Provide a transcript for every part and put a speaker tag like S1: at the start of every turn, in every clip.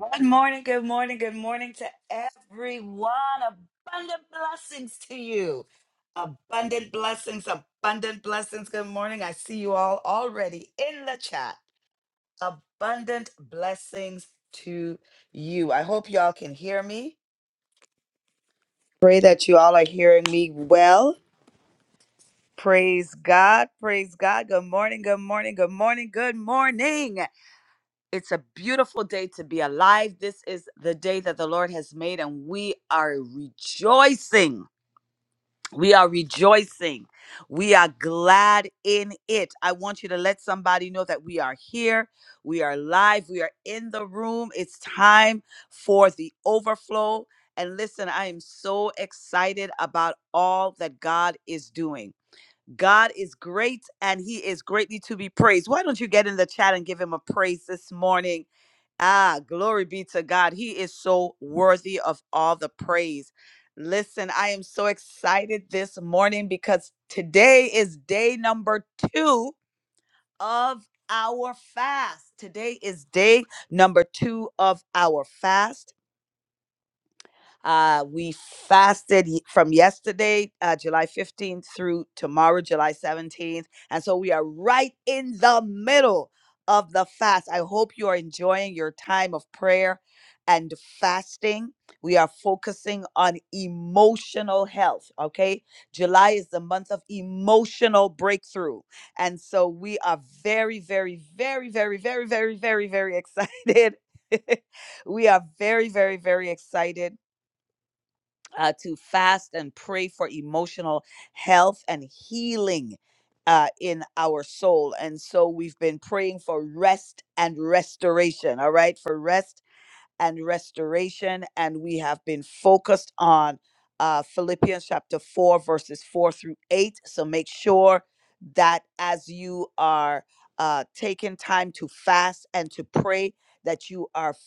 S1: Good morning, good morning, good morning to everyone. Abundant blessings to you. Abundant blessings, abundant blessings. Good morning. I see you all already in the chat. Abundant blessings to you. I hope y'all can hear me. Pray that you all are hearing me well. Praise God. Praise God. Good morning. Good morning. Good morning. Good morning. It's a beautiful day to be alive. This is the day that the Lord has made, and we are rejoicing. We are rejoicing. We are glad in it. I want you to let somebody know that we are here. We are live. We are in the room. It's time for the overflow. And listen, I am so excited about all that God is doing. God is great and he is greatly to be praised. Why don't you get in the chat and give him a praise this morning? Ah, glory be to God. He is so worthy of all the praise. Listen, I am so excited this morning because today is day number two of our fast. Today is day number two of our fast. Uh, we fasted y- from yesterday, uh, July 15th, through tomorrow, July 17th. And so we are right in the middle of the fast. I hope you are enjoying your time of prayer and fasting. We are focusing on emotional health, okay? July is the month of emotional breakthrough. And so we are very, very, very, very, very, very, very, very excited. we are very, very, very excited uh, to fast and pray for emotional health and healing uh, in our soul. And so we've been praying for rest and restoration, all right? For rest and restoration. And we have been focused on uh, Philippians chapter 4, verses 4 through 8. So make sure that as you are uh, taking time to fast and to pray, that you are f-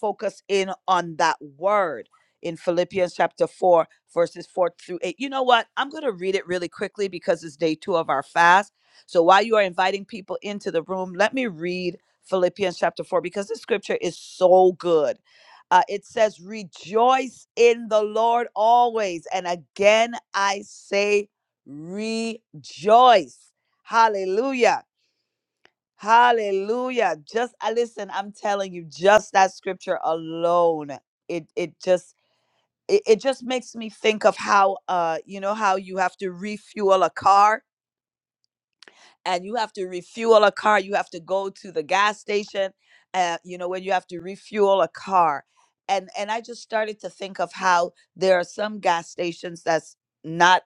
S1: focused in on that word in Philippians chapter 4, verses 4 through 8. You know what? I'm going to read it really quickly because it's day two of our fast. So while you are inviting people into the room, let me read Philippians chapter 4 because this scripture is so good. Uh, it says, Rejoice in the Lord always. And again, I say, Rejoice. Hallelujah. Hallelujah. Just I listen, I'm telling you, just that scripture alone, it it just it, it just makes me think of how uh you know how you have to refuel a car and you have to refuel a car you have to go to the gas station uh, you know when you have to refuel a car and and i just started to think of how there are some gas stations that's not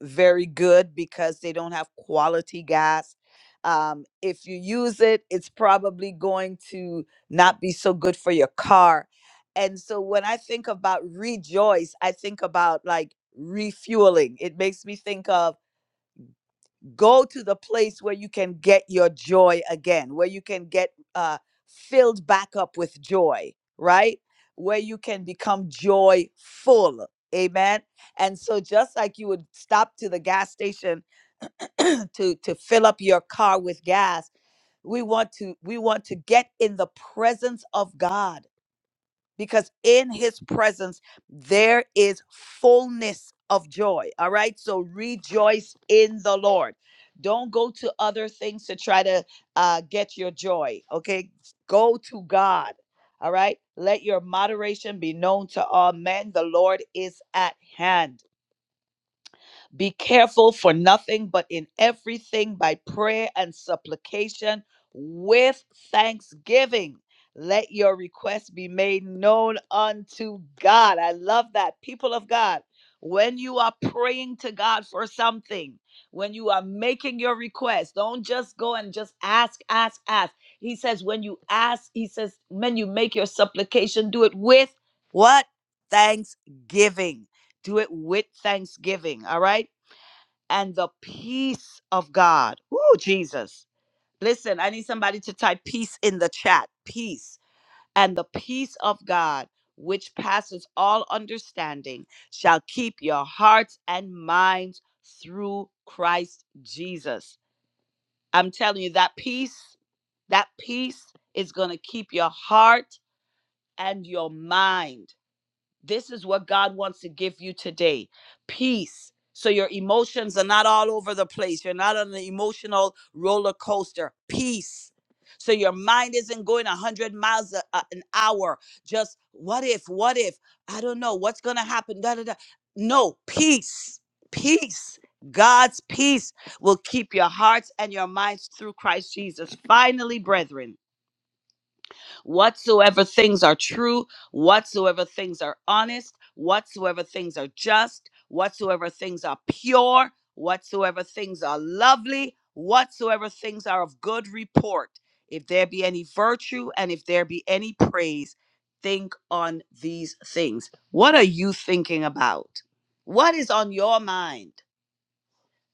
S1: very good because they don't have quality gas um, if you use it it's probably going to not be so good for your car and so when i think about rejoice i think about like refueling it makes me think of go to the place where you can get your joy again where you can get uh filled back up with joy right where you can become joyful amen and so just like you would stop to the gas station to to fill up your car with gas we want to we want to get in the presence of god because in his presence there is fullness of joy. All right. So rejoice in the Lord. Don't go to other things to try to uh, get your joy. Okay. Go to God. All right. Let your moderation be known to all men. The Lord is at hand. Be careful for nothing, but in everything by prayer and supplication with thanksgiving. Let your requests be made known unto God. I love that. People of God, when you are praying to God for something, when you are making your request, don't just go and just ask, ask, ask. He says, when you ask, he says, when you make your supplication, do it with what? Thanksgiving do it with thanksgiving all right and the peace of God. Oh, Jesus. Listen, I need somebody to type peace in the chat. Peace. And the peace of God, which passes all understanding, shall keep your hearts and minds through Christ Jesus. I'm telling you, that peace, that peace is going to keep your heart and your mind. This is what God wants to give you today peace. So your emotions are not all over the place. You're not on an emotional roller coaster. Peace. So your mind isn't going 100 miles a, a- an hour. Just what if, what if, I don't know, what's going to happen? Da, da, da. No, peace. Peace. God's peace will keep your hearts and your minds through Christ Jesus. Finally, brethren whatsoever things are true, whatsoever things are honest, whatsoever things are just, whatsoever things are pure, whatsoever things are lovely, whatsoever things are of good report, if there be any virtue and if there be any praise, think on these things. What are you thinking about? What is on your mind?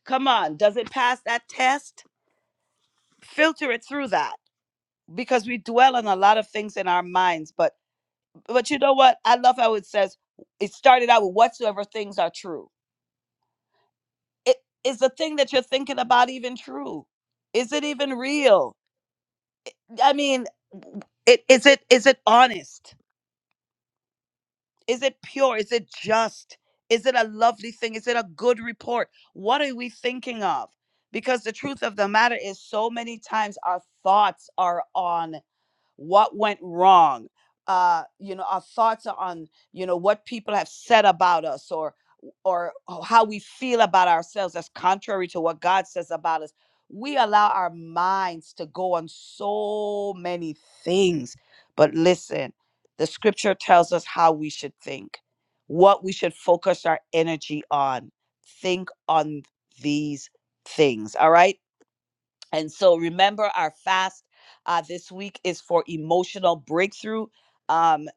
S1: Come on, does it pass that test? Filter it through that because we dwell on a lot of things in our minds, but but you know what? I love how it says it started out with whatsoever things are true. It is the thing that you're thinking about even true? Is it even real? I mean, w- it is it is it honest? Is it pure? Is it just? Is it a lovely thing? Is it a good report? What are we thinking of? Because the truth of the matter is so many times our thoughts are on what went wrong uh you know our thoughts are on you know what people have said about us or or or how we feel about ourselves that's contrary to what god says about us we allow our minds to go on so many things but listen the scripture tells us how we should think what we should focus our energy on think on these things all right and so remember, our fast uh, this week is for emotional breakthrough. Um,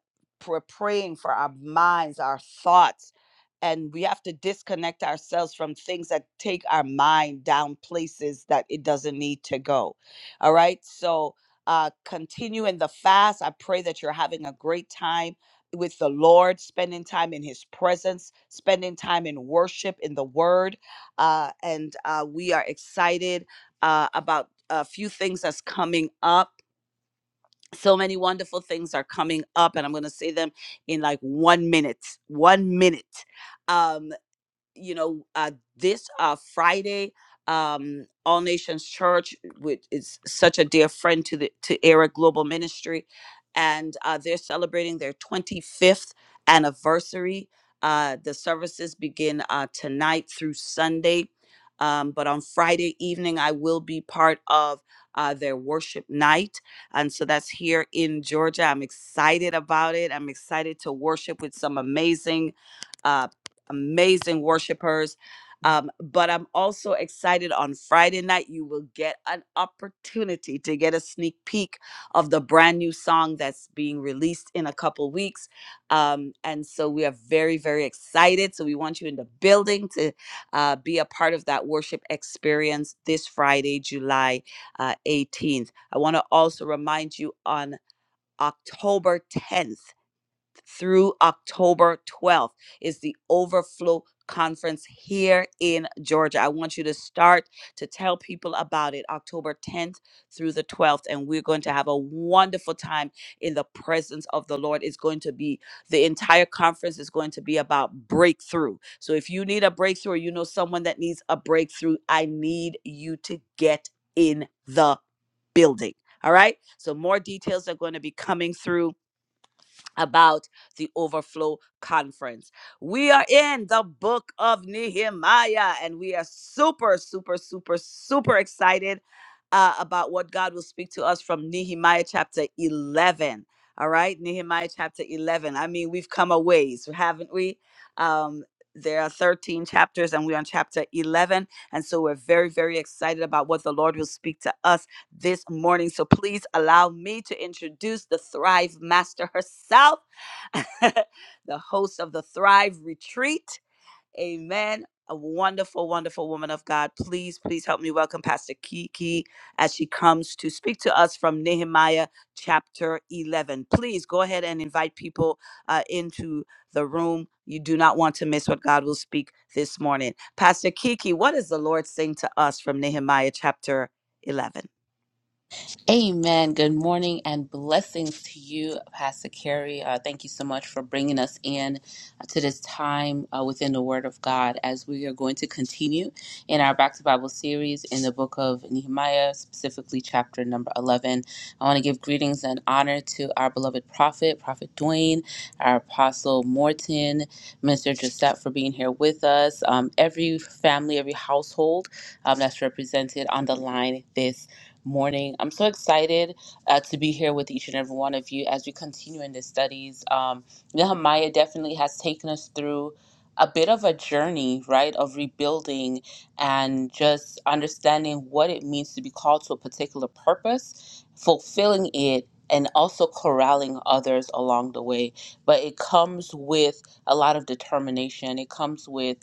S1: we're praying for our minds, our thoughts, and we have to disconnect ourselves from things that take our mind down places that it doesn't need to go. All right. So uh, continue in the fast. I pray that you're having a great time with the Lord, spending time in His presence, spending time in worship, in the Word. Uh, and uh, we are excited uh, about a few things that's coming up. So many wonderful things are coming up, and I'm going to say them in like one minute. One minute. Um, you know, uh, this uh, Friday, um, All Nations Church, which is such a dear friend to the to Era Global Ministry, and uh, they're celebrating their 25th anniversary. Uh, the services begin uh, tonight through Sunday. Um, but on Friday evening, I will be part of uh, their worship night. And so that's here in Georgia. I'm excited about it. I'm excited to worship with some amazing Uh, amazing worshipers. Um, but I'm also excited on Friday night, you will get an opportunity to get a sneak peek of the brand new song that's being released in a couple weeks. Um, and so we are very, very excited. So we want you in the building to uh, be a part of that worship experience this Friday, July uh, 18th. I want to also remind you on October 10th through October 12th is the Overflow Conference here in Georgia. I want you to start to tell people about it October 10th through the 12th, and we're going to have a wonderful time in the presence of the Lord. It's going to be the entire conference is going to be about breakthrough. So if you need a breakthrough, you know someone that needs a breakthrough, I need you to get in the building. All right. So more details are going to be coming through about the overflow conference. We are in the book of Nehemiah and we are super, super, super, super excited uh, about what God will speak to us from Nehemiah chapter 11. All right, Nehemiah chapter 11. I mean, we've come a ways, haven't we? Um, there are 13 chapters and we're on chapter 11. And so we're very, very excited about what the Lord will speak to us this morning. So please allow me to introduce the Thrive Master herself, the host of the Thrive Retreat. Amen. A wonderful, wonderful woman of God. Please, please help me welcome Pastor Kiki as she comes to speak to us from Nehemiah chapter 11. Please go ahead and invite people uh, into the room. You do not want to miss what God will speak this morning. Pastor Kiki, what is the Lord saying to us from Nehemiah chapter 11?
S2: Amen. Good morning and blessings to you, Pastor Carrie. Uh, thank you so much for bringing us in uh, to this time uh, within the Word of God as we are going to continue in our Back to Bible series in the book of Nehemiah, specifically chapter number 11. I want to give greetings and honor to our beloved prophet, Prophet Dwayne, our apostle Morton, Minister Joseph for being here with us, um, every family, every household um, that's represented on the line this morning. I'm so excited uh, to be here with each and every one of you as we continue in the studies. Um, Nehemiah definitely has taken us through a bit of a journey, right, of rebuilding and just understanding what it means to be called to a particular purpose, fulfilling it. And also corralling others along the way. But it comes with a lot of determination. It comes with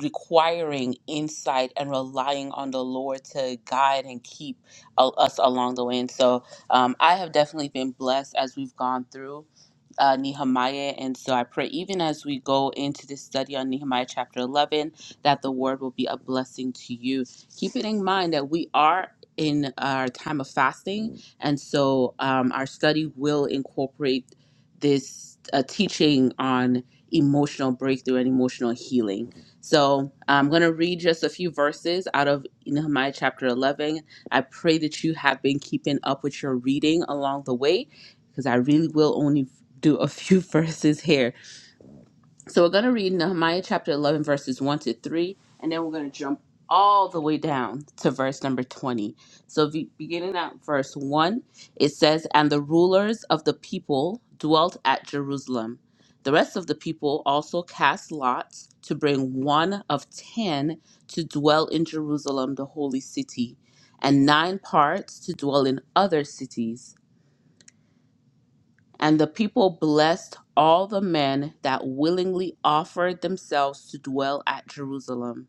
S2: requiring insight and relying on the Lord to guide and keep al- us along the way. And so um, I have definitely been blessed as we've gone through uh, Nehemiah. And so I pray, even as we go into this study on Nehemiah chapter 11, that the word will be a blessing to you. Keep it in mind that we are in our time of fasting. And so um, our study will incorporate this uh, teaching on emotional breakthrough and emotional healing. So I'm going to read just a few verses out of Nehemiah chapter 11 I pray that you have been keeping up with your reading along the way because I really will only do a few verses here so we're going to read Nehemiah chapter 11, verses 1 to 3, and then we're going to jump all the way down to verse number 20. So be- beginning at verse 1, it says, And the rulers of the people dwelt at Jerusalem. The rest of the people also cast lots to bring one of ten to dwell in Jerusalem, the holy city, and nine parts to dwell in other cities. And the people blessed all the men that willingly offered themselves to dwell at Jerusalem.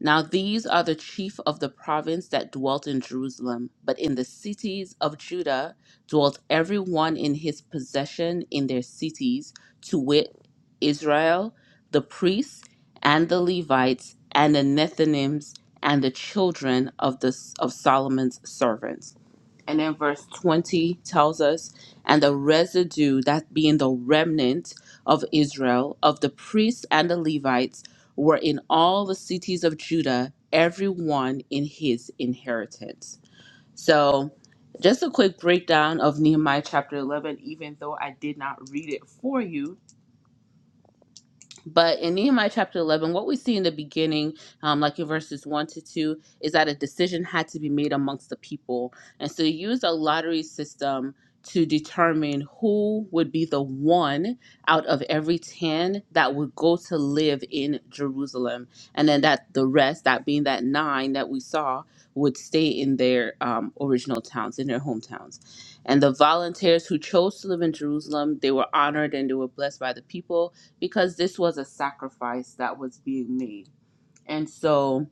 S2: Now these are the chief of the province that dwelt in Jerusalem, but in the cities of Judah dwelt every one in his possession in their cities, to wit, Israel, the priests and the Levites and the Nethinims and the children of the of Solomon's servants. And then verse 20 tells us, and the residue, that being the remnant of Israel, of the priests and the Levites, were in all the cities of Judah, everyone in his inheritance. So, just a quick breakdown of Nehemiah chapter 11, even though I did not read it for you, but in Nehemiah chapter 11, what we see in the beginning, um, like in verses 1 to 2, is that a decision had to be made amongst the people. And so they used a lottery system to determine who would be the one out of every 10 that would go to live in Jerusalem. And then that the rest, that being that nine that we saw, would stay in their um, original towns, in their hometowns. And the volunteers who chose to live in Jerusalem, they were honored and they were blessed by the people because this was a sacrifice that was being made. And so,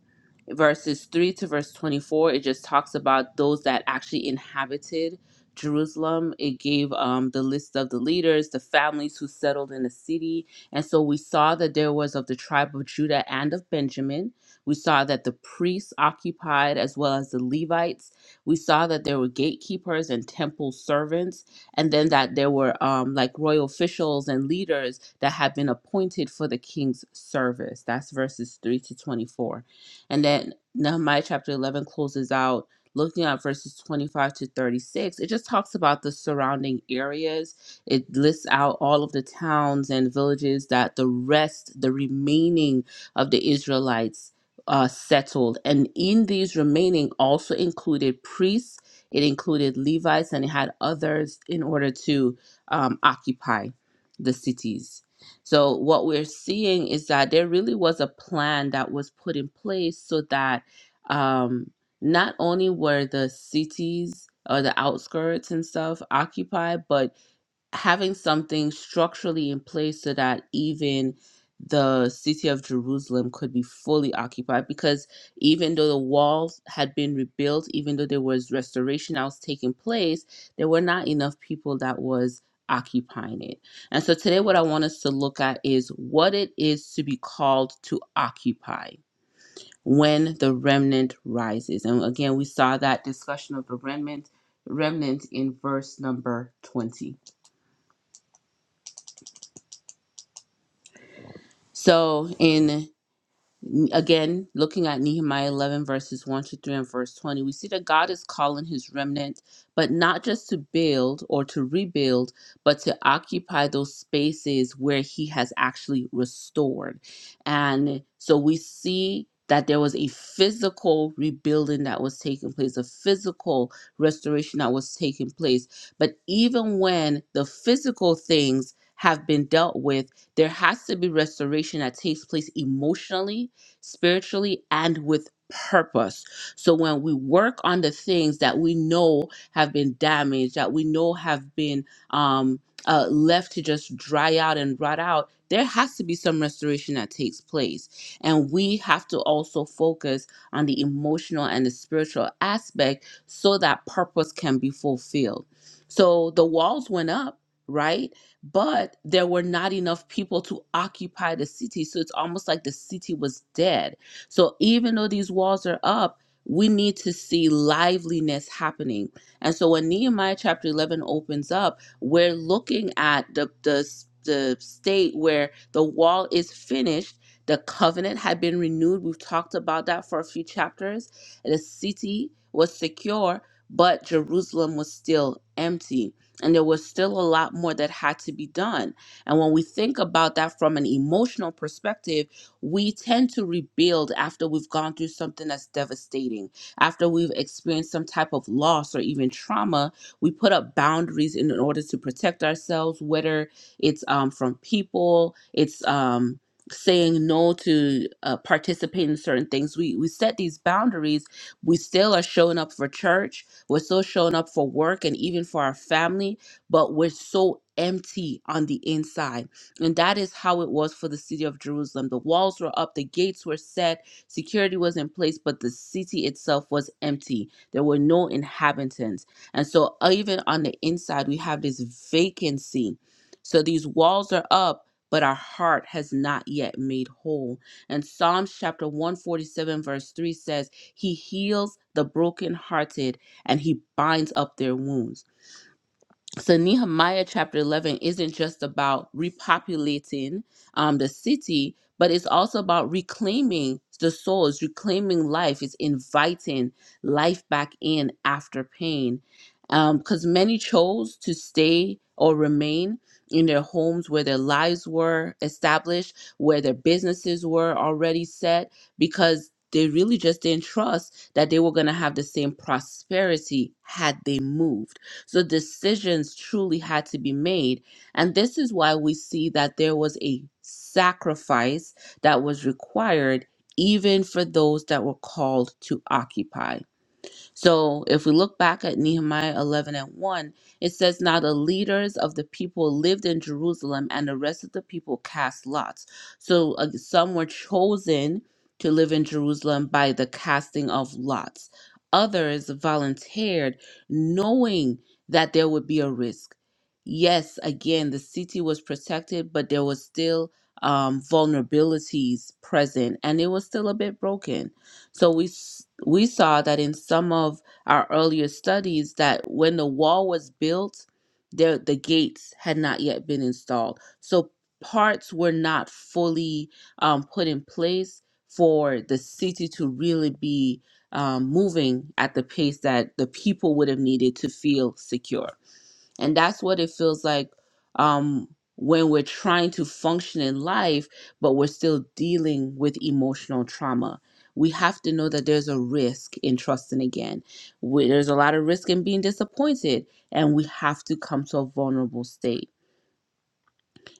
S2: verses 3 to verse 24, it just talks about those that actually inhabited Jerusalem. It gave um, the list of the leaders, the families who settled in the city. And so, we saw that there was of the tribe of Judah and of Benjamin. We saw that the priests occupied as well as the Levites. We saw that there were gatekeepers and temple servants and then that there were um, like royal officials and leaders that had been appointed for the king's service. That's verses 3 to 24. And then Nehemiah chapter 11 closes out looking at verses 25 to 36. It just talks about the surrounding areas. It lists out all of the towns and villages that the rest, the remaining of the Israelites uh, settled. And in these remaining also included priests it included Levites and it had others in order to um, occupy the cities. So, what we're seeing is that there really was a plan that was put in place so that um, not only were the cities or the outskirts and stuff occupied, but having something structurally in place so that even the city of Jerusalem could be fully occupied because even though the walls had been rebuilt, even though there was restoration that was taking place, there were not enough people that was occupying it. And so today what I want us to look at is what it is to be called to occupy when the remnant rises. And again, we saw that discussion of the remnant remnant in verse number 20. So in Again, looking at Nehemiah 11, verses 1 to 3 and verse 20, we see that God is calling his remnant, but not just to build or to rebuild, but to occupy those spaces where he has actually restored. And so we see that there was a physical rebuilding that was taking place, a physical restoration that was taking place. But even when the physical things have been dealt with, there has to be restoration that takes place emotionally spiritually and with purpose. So when we work on the things that we know have been damaged, that we know have been um, uh, left to just dry out and rot out, there has to be some restoration that takes place. And we have to also focus on the emotional and the spiritual aspect so that purpose can be fulfilled. So the walls went up, right? but there were not enough people to occupy the city. So it's almost like the city was dead. So even though these walls are up, we need to see liveliness happening. And so when Nehemiah chapter 11 opens up, we're looking at the, the, the state where the wall is finished. The covenant had been renewed. We've talked about that for a few chapters. The city was secure, but Jerusalem was still empty and there was still a lot more that had to be done. And when we think about that from an emotional perspective, we tend to rebuild after we've gone through something that's devastating, after we've experienced some type of loss or even trauma. We put up boundaries in order to protect ourselves, whether it's um, from people, it's um, saying no to uh, participate in certain things. We we set these boundaries. We still are showing up for church we're still showing up for work and even for our family, but we're so empty on the inside. And that is how it was for the city of Jerusalem. The walls were up, the gates were set, security was in place, but the city itself was empty. There were no inhabitants. And so, uh, even on the inside, we have this vacancy. So, these walls are up. But our heart has not yet made whole. And Psalms chapter 147, verse 3 says, He heals the brokenhearted and he binds up their wounds so Nehemiah chapter 11 isn't just about repopulating um, the city, but it's also about reclaiming the souls, reclaiming life. It's inviting life back in after pain. Because many chose to stay or remain in their homes where their lives were established, where their businesses were already set, because they really just didn't trust that they were going to have the same prosperity had they moved. So decisions truly had to be made. And this is why we see that there was a sacrifice that was required even for those that were called to occupy. So if we look back at Nehemiah 11 and 1, it says, Now the leaders of the people lived in Jerusalem, and the rest of the people cast lots. So uh, some were chosen to live in Jerusalem by the casting of lots, others volunteered knowing that there would be a risk. Yes, again, the city was protected, but there was still um, vulnerabilities present and it was still a bit broken. So we s- we saw that in some of our earlier studies that when the wall was built, there the gates had not yet been installed. So parts were not fully um, put in place for the city to really be um, moving at the pace that the people would have needed to feel secure and that's what it feels like um when we're trying to function in life but we're still dealing with emotional trauma we have to know that there's a risk in trusting again we, there's a lot of risk in being disappointed and we have to come to a vulnerable state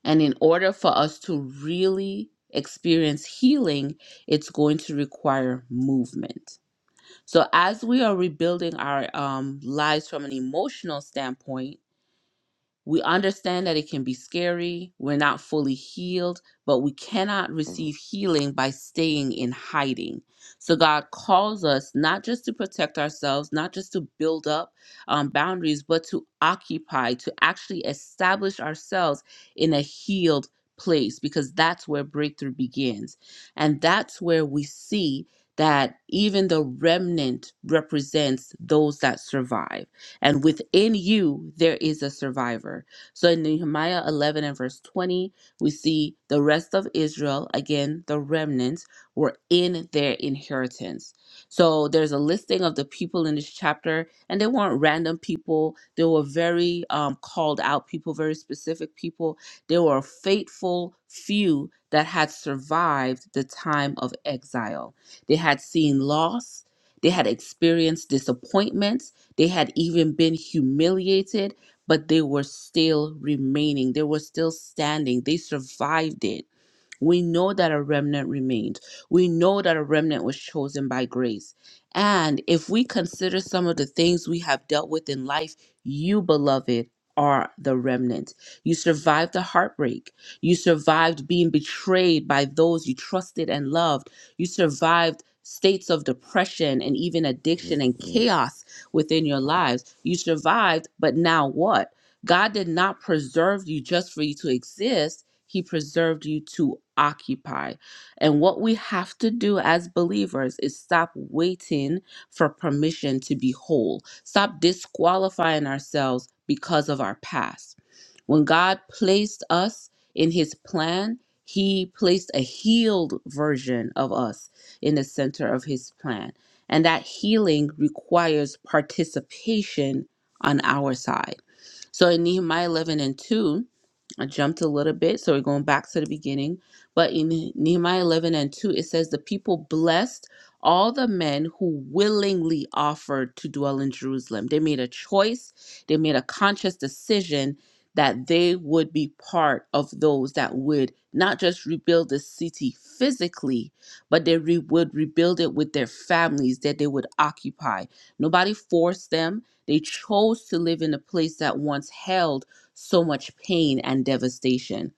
S2: and in order for us to really experience healing it's going to require movement so as we are rebuilding our um, lives from an emotional standpoint we understand that it can be scary. We're not fully healed, but we cannot receive healing by staying in hiding. So, God calls us not just to protect ourselves, not just to build up um, boundaries, but to occupy, to actually establish ourselves in a healed place, because that's where breakthrough begins. And that's where we see that even the remnant represents those that survive and within you there is a survivor. So in Nehemiah 11 and verse 20, we see the rest of Israel, again, the remnants, were in their inheritance. So there's a listing of the people in this chapter, and they weren't random people. They were very um, called out people, very specific people. They were a faithful few that had survived the time of exile. They had seen loss, they had experienced disappointment they had even been humiliated, but they were still remaining. They were still standing. They survived it we know that a remnant remained. We know that a remnant was chosen by grace. And if we consider some of the things we have dealt with in life, you, beloved, are the remnant. You survived the heartbreak. You survived being betrayed by those you trusted and loved. You survived states of depression and even addiction and chaos within your lives. You survived, but now what? God did not preserve you just for you to exist. He preserved you to occupy. And what we have to do as believers is stop waiting for permission to be whole, stop disqualifying ourselves because of our past. When God placed us in his plan, he placed a healed version of us in the center of his plan. And that healing requires participation on our side. So in Nehemiah 11 and 2, I jumped a little bit, so we're going back to the beginning. But in Nehemiah 11 and 2, it says, The people blessed all the men who willingly offered to dwell in Jerusalem. They made a choice, they made a conscious decision that they would be part of those that would not just rebuild the city physically, but they re- would rebuild it with their families that they would occupy. Nobody forced them, they chose to live in a place that once held so much pain and devastation.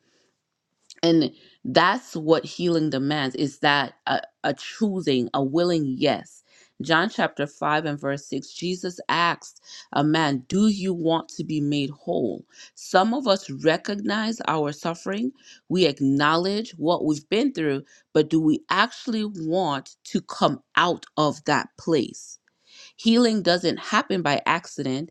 S2: And that's what healing demands is that a, a choosing, a willing yes. John chapter 5 and verse 6, Jesus asked a man, Do you want to be made whole? Some of us recognize our suffering. We acknowledge what we've been through, but do we actually want to come out of that place? Healing doesn't happen by accident.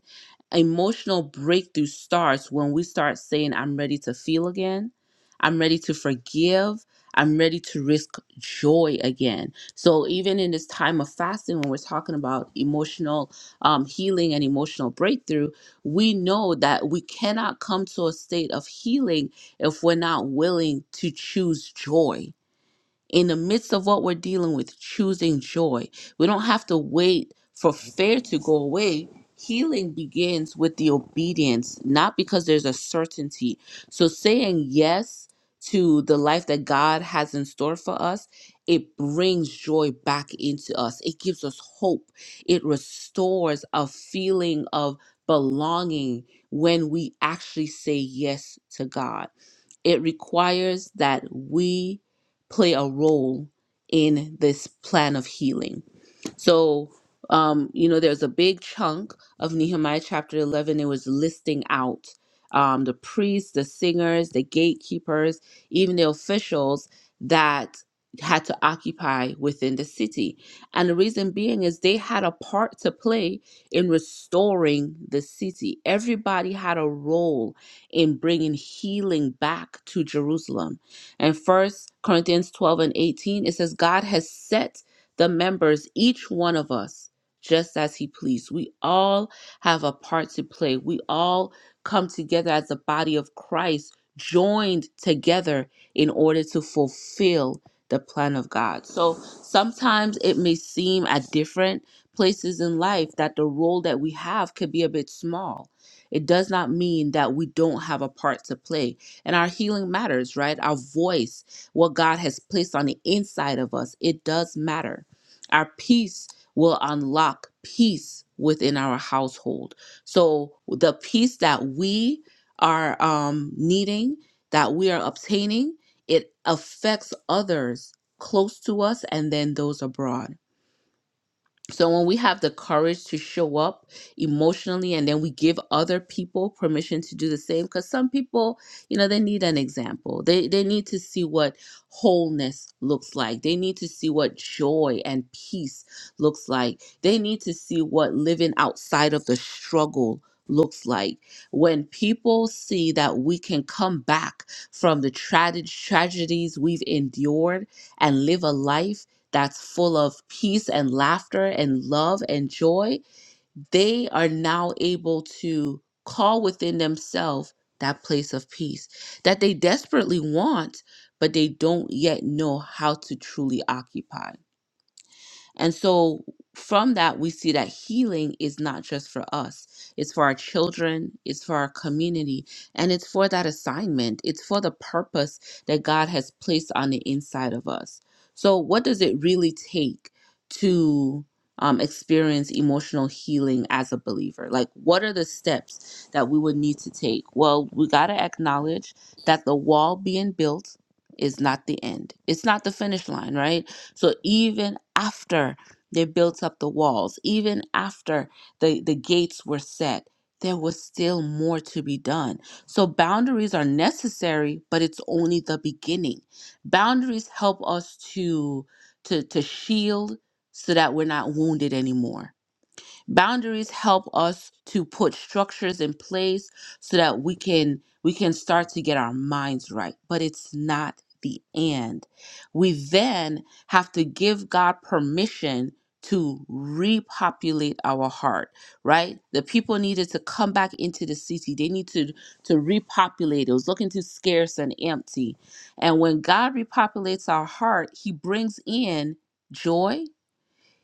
S2: Emotional breakthrough starts when we start saying, I'm ready to feel again. I'm ready to forgive. I'm ready to risk joy again. So, even in this time of fasting, when we're talking about emotional um, healing and emotional breakthrough, we know that we cannot come to a state of healing if we're not willing to choose joy in the midst of what we're dealing with, choosing joy. We don't have to wait for fear to go away. Healing begins with the obedience, not because there's a certainty. So saying yes to the life that God has in store for us, it brings joy back into us. It gives us hope. It restores a feeling of belonging when we actually say yes to God it requires that we play a role in this plan of healing so, um, you know, there's a big chunk of Nehemiah chapter 11. It was listing out um, the priests, the singers, the gatekeepers, even the officials that had to occupy within the city. And the reason being is they had a part to play in restoring the city. Everybody had a role in bringing healing back to Jerusalem. And first Corinthians 12 and 18, it says, God has set the members, each one of us, just as He pleased. We all have a part to play. We all come together as the body of Christ, joined together in order to fulfill the plan of God. So sometimes it may seem at different places in life that the role that we have could be a bit small. It does not mean that we don't have a part to play. And our healing matters, right? Our voice, what God has placed on the inside of us, it does matter our peace will unlock peace within our household. So the peace that we are um, needing, that we are obtaining, it affects others close to us and then those abroad. So when we have the courage to show up emotionally and then we give other people permission to do the same cuz some people, you know, they need an example. They they need to see what wholeness looks like. They need to see what joy and peace looks like. They need to see what living outside of the struggle looks like when people see that we can come back from the tra- tragedies we've endured and live a life that's full of peace and laughter and love and joy, they are now able to call within themselves that place of peace that they desperately want, but they don't yet know how to truly occupy. And so from that, we see that healing is not just for us, it's for our children, it's for our community, and it's for that assignment. It's for the purpose that God has placed on the inside of us. So, what does it really take to um, experience emotional healing as a believer? Like, what are the steps that we would need to take? Well, we got to acknowledge that the wall being built is not the end, it's not the finish line, right? So even after they built up the walls, even after the, the gates were set, there was still more to be done. So boundaries are necessary, but it's only the beginning. Boundaries help us to to to shield so that we're not wounded anymore Boundaries help us to put structures in place so that we can we can start to get our minds right, but it's not the end. We then have to give God permission to repopulate our heart, right? The people needed to come back into the city. They need to to repopulate. It was looking too scarce and empty. And when God repopulates our heart, he brings in joy,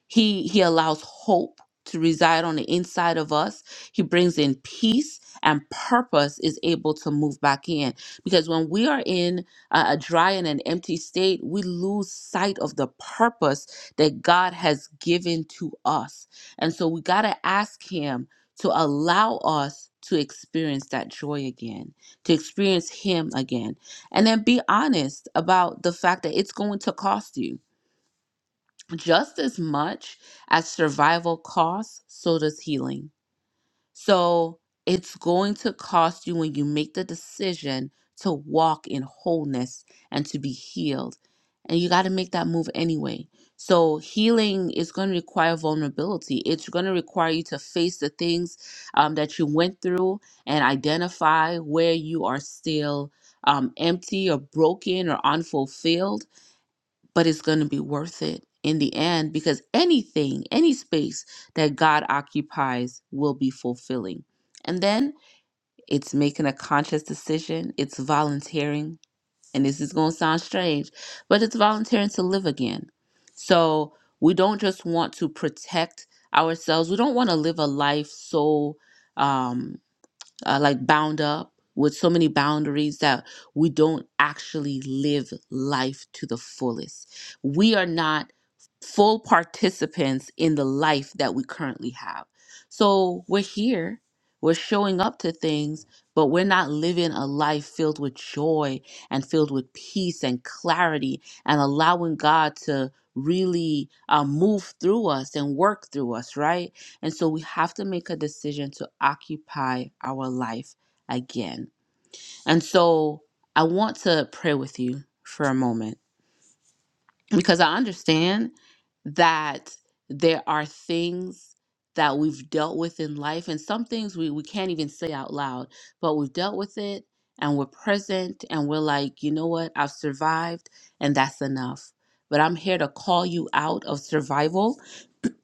S2: he he allows hope to reside on the inside of us. He brings in peace and purpose is able to move back in because when we are in a, a dry and an empty state, we lose sight of the purpose that God has given to us. And so we got to ask him to allow us to experience that joy again, to experience him again. And then be honest about the fact that it's going to cost you just as much as survival costs, so does healing. So it's going to cost you when you make the decision to walk in wholeness and to be healed. And you got to make that move anyway. So healing is going to require vulnerability. It's going to require you to face the things um, that you went through and identify where you are still um, empty or broken or unfulfilled but it's going to be worth it in the end because anything, any space that God occupies will be fulfilling. And then it's making a conscious decision, it's volunteering. And this is going to sound strange, but it's volunteering to live again. So we don't just want to protect ourselves, we don't want to live a life so. Um, uh, like bound up with so many boundaries that we don't actually live life to the fullest. We are not full participants in the life that we currently have. So we're here, we're showing up to things, but we're not living a life filled with joy and filled with peace and clarity and allowing God to really uh, move through us and work through us, right? And so we have to make a decision to occupy our life again. And so I want to pray with you for a moment because I understand that there are things that we've dealt with in life and some things we, we can't even say out loud, but we've dealt with it and we're present and we're like, you know what, I've survived and that's enough. But I'm here to call you out of survival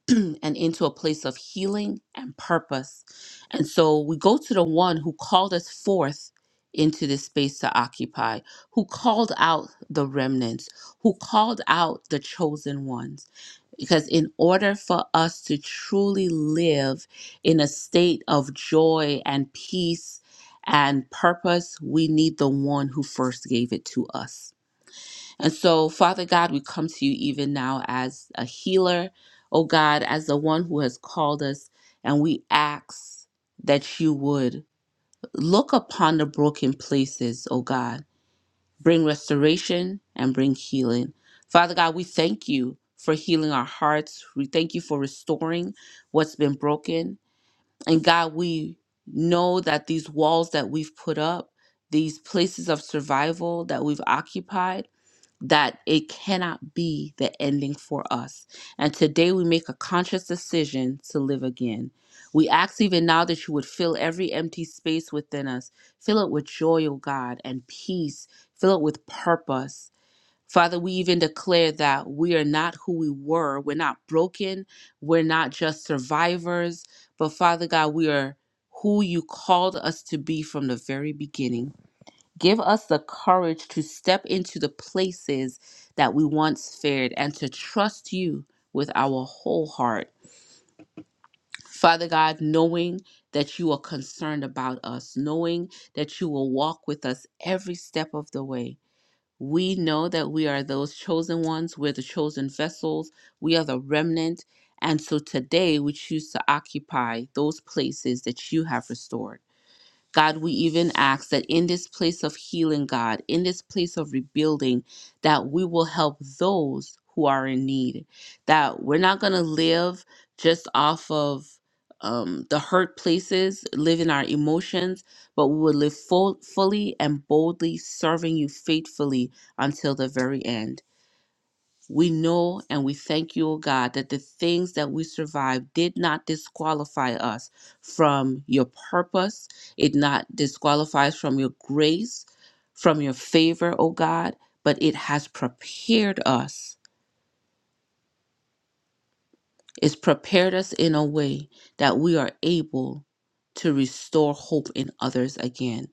S2: and into a place of healing and purpose. And so we go to the one who called us forth into this space to occupy, who called out the remnants, who called out the chosen ones. Because in order for us to truly live in a state of joy and peace and purpose, we need the one who first gave it to us. And so, Father God, we come to you even now as a healer, oh God, as the one who has called us, and we ask that you would look upon the broken places, oh God, bring restoration and bring healing. Father God, we thank you for healing our hearts. We thank you for restoring what's been broken. And God, we know that these walls that we've put up, these places of survival that we've occupied, that it cannot be the ending for us. And today we make a conscious decision to live again. We ask even now that you would fill every empty space within us. Fill it with joy, O God, and peace. Fill it with purpose. Father, we even declare that we are not who we were. We're not broken. We're not just survivors. But Father God, we are who you called us to be from the very beginning. Give us the courage to step into the places that we once feared and to trust you with our whole heart. Father God, knowing that you are concerned about us, knowing that you will walk with us every step of the way. We know that we are those chosen ones, we're the chosen vessels, we are the remnant. And so today we choose to occupy those places that you have restored. God, we even ask that in this place of healing, God, in this place of rebuilding, that we will help those who are in need. That we're not going to live just off of um, the hurt places, live in our emotions, but we will live full, fully and boldly serving you faithfully until the very end. We know and we thank you, O God, that the things that we survived did not disqualify us from your purpose. It not disqualifies from your grace, from your favor, O God, but it has prepared us. It's prepared us in a way that we are able to restore hope in others again.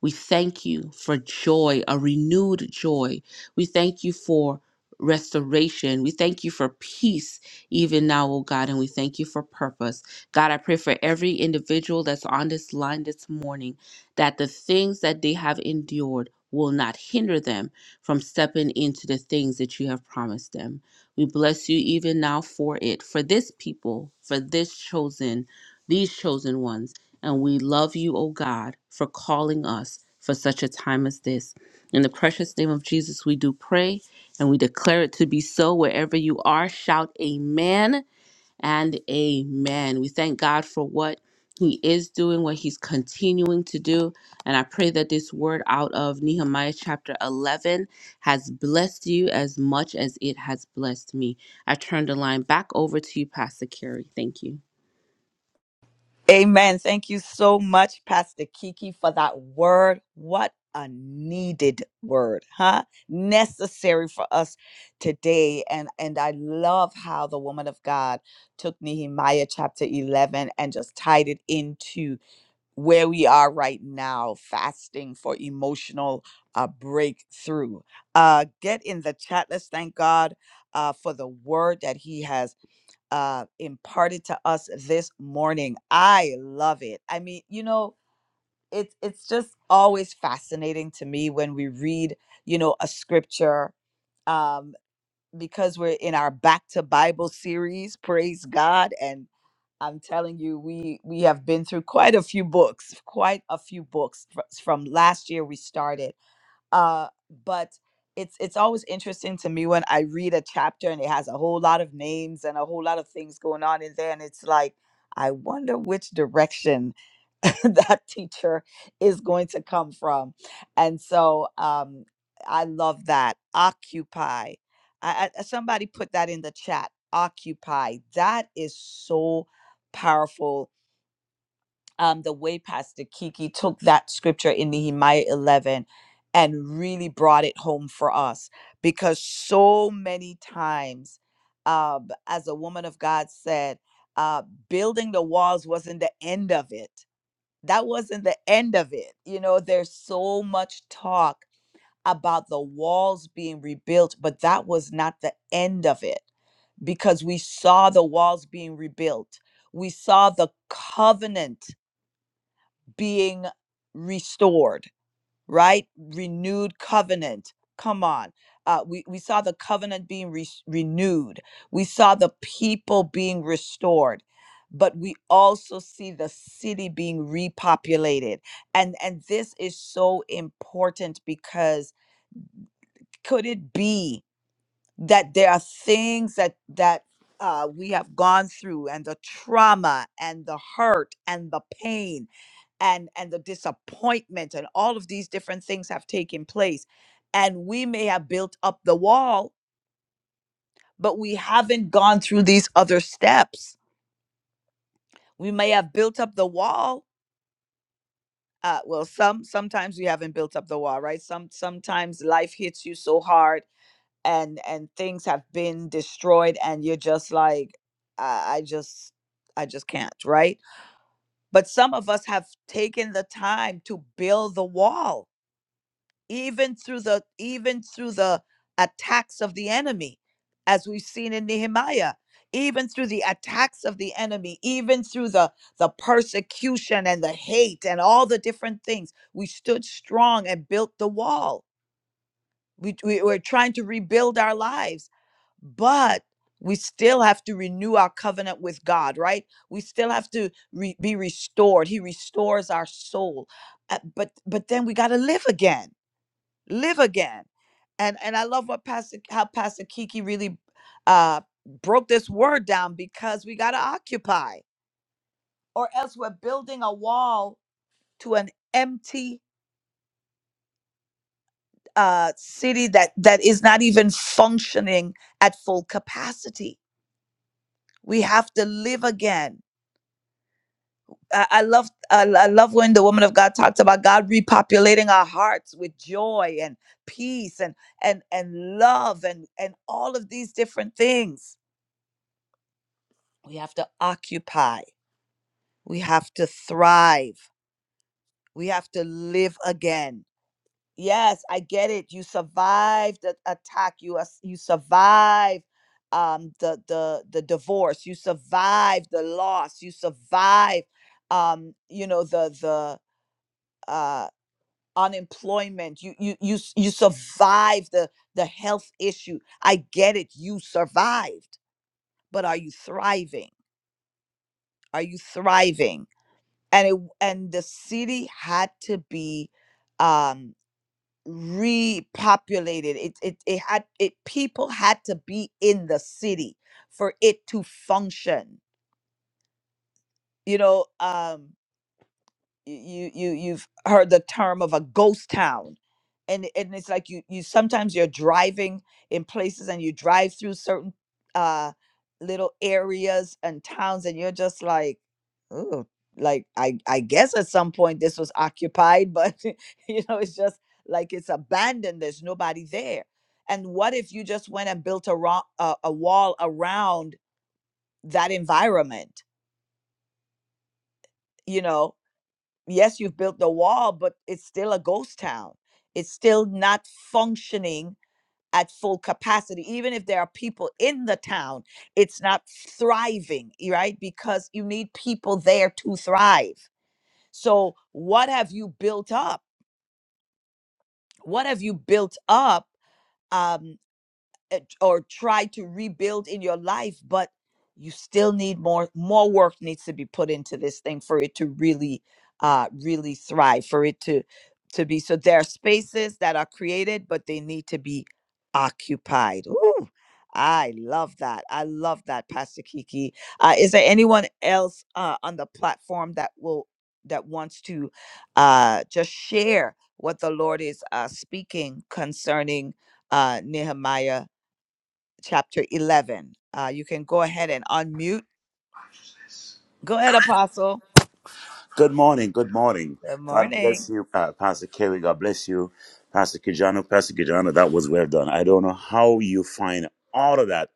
S2: We thank you for joy, a renewed joy. We thank you for restoration. We thank you for peace, even now, oh God, and we thank you for purpose. God, I pray for every individual that's on this line this morning that the things that they have endured will not hinder them from stepping into the things that you have promised them. We bless you even now for it, for this people, for this chosen, these chosen ones. And we love you, O God, for calling us for such a time as this. In the precious name of Jesus, we do pray and we declare it to be so. Wherever you are, shout amen and amen. We thank God for what he is doing, what he's continuing to do. And I pray that this word out of Nehemiah chapter 11 has blessed you as much as it has blessed me. I turn the line back over to you, Pastor Carey. Thank you.
S1: Amen. Thank you so much, Pastor Kiki, for that word. What a needed word, huh? Necessary for us today. And and I love how the woman of God took Nehemiah chapter 11 and just tied it into where we are right now, fasting for emotional uh, breakthrough. Uh, get in the chat. Let's thank God uh, for the word that He has uh, imparted to us this morning. I love it. I mean, you know, it's it's just always fascinating to me when we read, you know, a scripture um, because we're in our Back to Bible series. Praise God! And I'm telling you, we we have been through quite a few books, quite a few books Fr- from last year. We started uh but it's it's always interesting to me when i read a chapter and it has a whole lot of names and a whole lot of things going on in there and it's like i wonder which direction that teacher is going to come from and so um i love that occupy I, I somebody put that in the chat occupy that is so powerful um, the way Pastor Kiki took that scripture in Nehemiah 11 and really brought it home for us because so many times, uh, as a woman of God said, uh, building the walls wasn't the end of it. That wasn't the end of it. You know, there's so much talk about the walls being rebuilt, but that was not the end of it because we saw the walls being rebuilt. We saw the covenant being restored, right? Renewed covenant. Come on. Uh, we, we saw the covenant being re- renewed. We saw the people being restored, but we also see the city being repopulated. And, and this is so important because could it be? that there are things that that uh, we have gone through and the trauma and the hurt and the pain and and the disappointment and all of these different things have taken place and we may have built up the wall but we haven't gone through these other steps we may have built up the wall uh, well some sometimes we haven't built up the wall right some sometimes life hits you so hard and and things have been destroyed and you're just like I, I just i just can't right but some of us have taken the time to build the wall even through the even through the attacks of the enemy as we've seen in nehemiah even through the attacks of the enemy even through the the persecution and the hate and all the different things we stood strong and built the wall we, we were trying to rebuild our lives but we still have to renew our covenant with God, right? We still have to re- be restored. He restores our soul. Uh, but but then we got to live again. Live again. And and I love what Pastor how Pastor Kiki really uh broke this word down because we got to occupy or else we're building a wall to an empty uh city that that is not even functioning at full capacity. We have to live again I I love I I love when the woman of God talked about God repopulating our hearts with joy and peace and and and love and and all of these different things. We have to occupy. We have to thrive. We have to live again. Yes, I get it. You survived the attack. You as- you survived um, the the the divorce. You survived the loss. You survived um, you know the the uh, unemployment you you you s- you survived the the health issue i get it you survived but are you thriving are you thriving and it and the city had to be um repopulated it it, it had it people had to be in the city for it to function you know um you you you've heard the term of a ghost town and and it's like you you sometimes you're driving in places and you drive through certain uh little areas and towns and you're just like oh like i i guess at some point this was occupied but you know it's just like it's abandoned there's nobody there and what if you just went and built a, ro- a, a wall around that environment you know yes, you've built the wall, but it's still a ghost town. It's still not functioning at full capacity. Even if there are people in the town, it's not thriving, y- right? Because you need people there to thrive. So, what have you built up? What have you built up? Um, at- or try to rebuild in your life but you still need more more work needs to be put into this thing for it to really uh really thrive for it to to be so there are spaces that are created but they need to be occupied Ooh, i love that i love that pastor kiki uh, is there anyone else uh, on the platform that will that wants to uh just share what the lord is uh speaking concerning uh nehemiah chapter 11. Uh, you can go ahead and unmute. Go ahead, Apostle.
S3: Good morning. Good morning.
S1: Good
S3: God
S1: morning.
S3: bless you, uh, Pastor Kerry. God bless you, Pastor Kijano. Pastor Kijano, that was well done. I don't know how you find all of that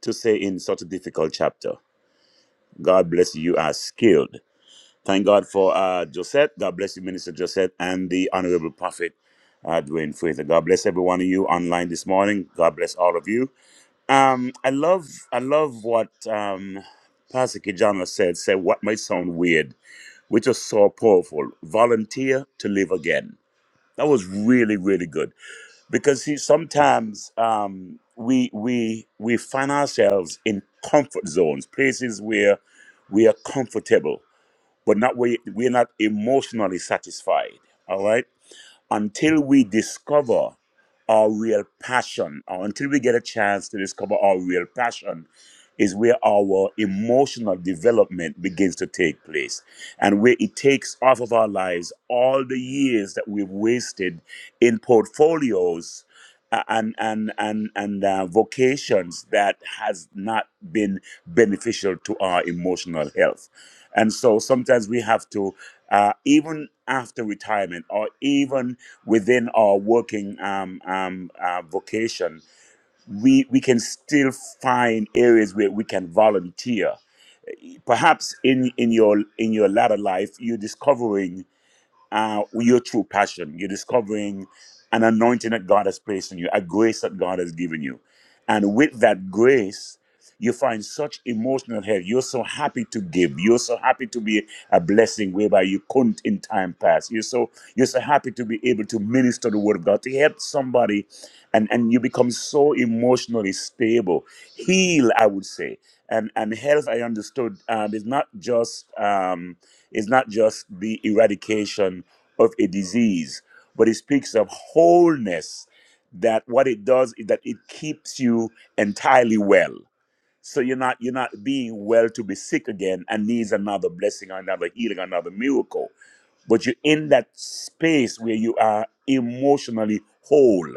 S3: to say in such a difficult chapter. God bless you. You are skilled. Thank God for uh, Josette. God bless you, Minister Josette, and the Honorable Prophet uh, Dwayne Fraser. God bless every one of you online this morning. God bless all of you. Um, I love, I love what um, Pastor Kijano said. Said what might sound weird which is so powerful. Volunteer to live again. That was really, really good because see, sometimes um, we we we find ourselves in comfort zones, places where we are comfortable, but not where we're not emotionally satisfied. All right until we discover our real passion, or until we get a chance to discover our real passion, is where our emotional development begins to take place and where it takes off of our lives all the years that we've wasted in portfolios uh, and and and and uh, vocations that has not been beneficial to our emotional health and so sometimes we have to uh, even after retirement or even within our working um, um, uh, vocation, we, we can still find areas where we can volunteer. Perhaps in, in your in your latter life, you're discovering uh, your true passion. You're discovering an anointing that God has placed in you, a grace that God has given you. And with that grace, you find such emotional health. You're so happy to give. You're so happy to be a blessing whereby you couldn't in time past. You're so you're so happy to be able to minister the word of God, to help somebody, and, and you become so emotionally stable. Heal, I would say. And and health, I understood, um, is not just um, is not just the eradication of a disease, but it speaks of wholeness. That what it does is that it keeps you entirely well so you're not you're not being well to be sick again and needs another blessing or another healing another miracle but you're in that space where you are emotionally whole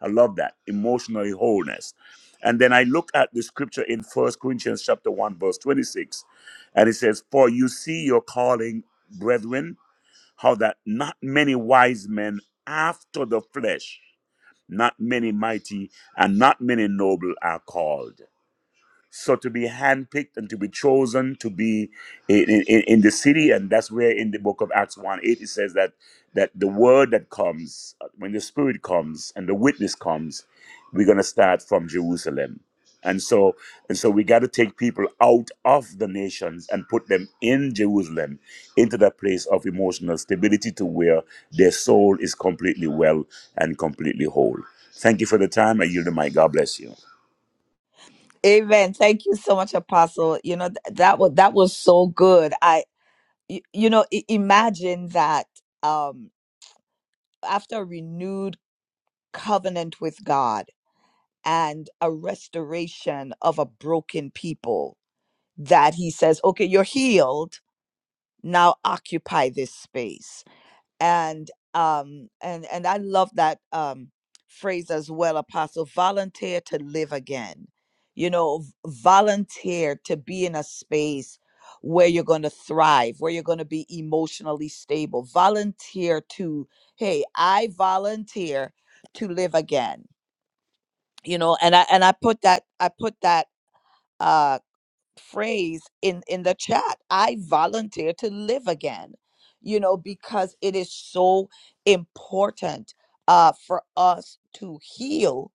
S3: i love that emotionally wholeness and then i look at the scripture in first corinthians chapter 1 verse 26 and it says for you see your calling brethren how that not many wise men after the flesh not many mighty and not many noble are called so to be handpicked and to be chosen to be in, in, in the city, and that's where in the book of Acts 1 8 it says that that the word that comes, uh, when the spirit comes and the witness comes, we're gonna start from Jerusalem. And so and so we gotta take people out of the nations and put them in Jerusalem into that place of emotional stability to where their soul is completely well and completely whole. Thank you for the time. I yield the mic. God bless you.
S1: Amen. Thank you so much, Apostle. You know th- that was that was so good. I, y- you know, I- imagine that um, after a renewed covenant with God and a restoration of a broken people, that He says, "Okay, you're healed. Now occupy this space." and um and and i love that um phrase as well apostle volunteer to live again you know v- volunteer to be in a space where you're going to thrive where you're going to be emotionally stable volunteer to hey i volunteer to live again you know and i and i put that i put that uh, phrase in in the chat i volunteer to live again you know because it is so important uh for us to heal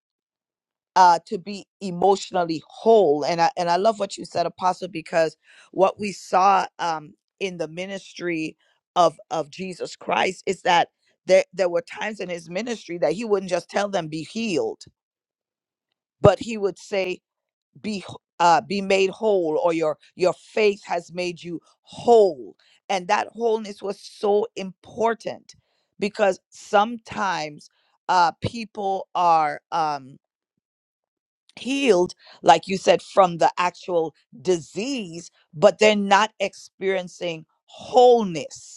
S1: uh to be emotionally whole and i and i love what you said apostle because what we saw um in the ministry of of jesus christ is that there there were times in his ministry that he wouldn't just tell them be healed but he would say be wh- uh, be made whole or your your faith has made you whole and that wholeness was so important because sometimes uh, people are um, healed like you said from the actual disease but they're not experiencing wholeness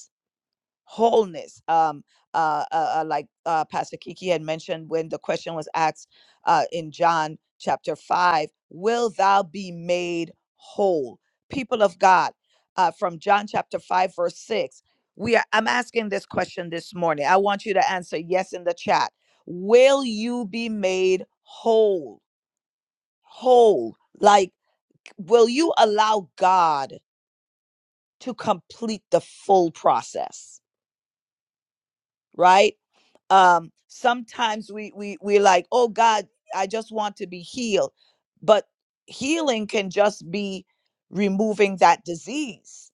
S1: wholeness. Um, uh, uh, uh, like uh, Pastor Kiki had mentioned when the question was asked uh, in John chapter 5, will thou be made whole? People of God, uh, from John chapter 5, verse 6, we are, I'm asking this question this morning. I want you to answer yes in the chat. Will you be made whole? Whole. Like, will you allow God to complete the full process? Right? um sometimes we we we're like oh god i just want to be healed but healing can just be removing that disease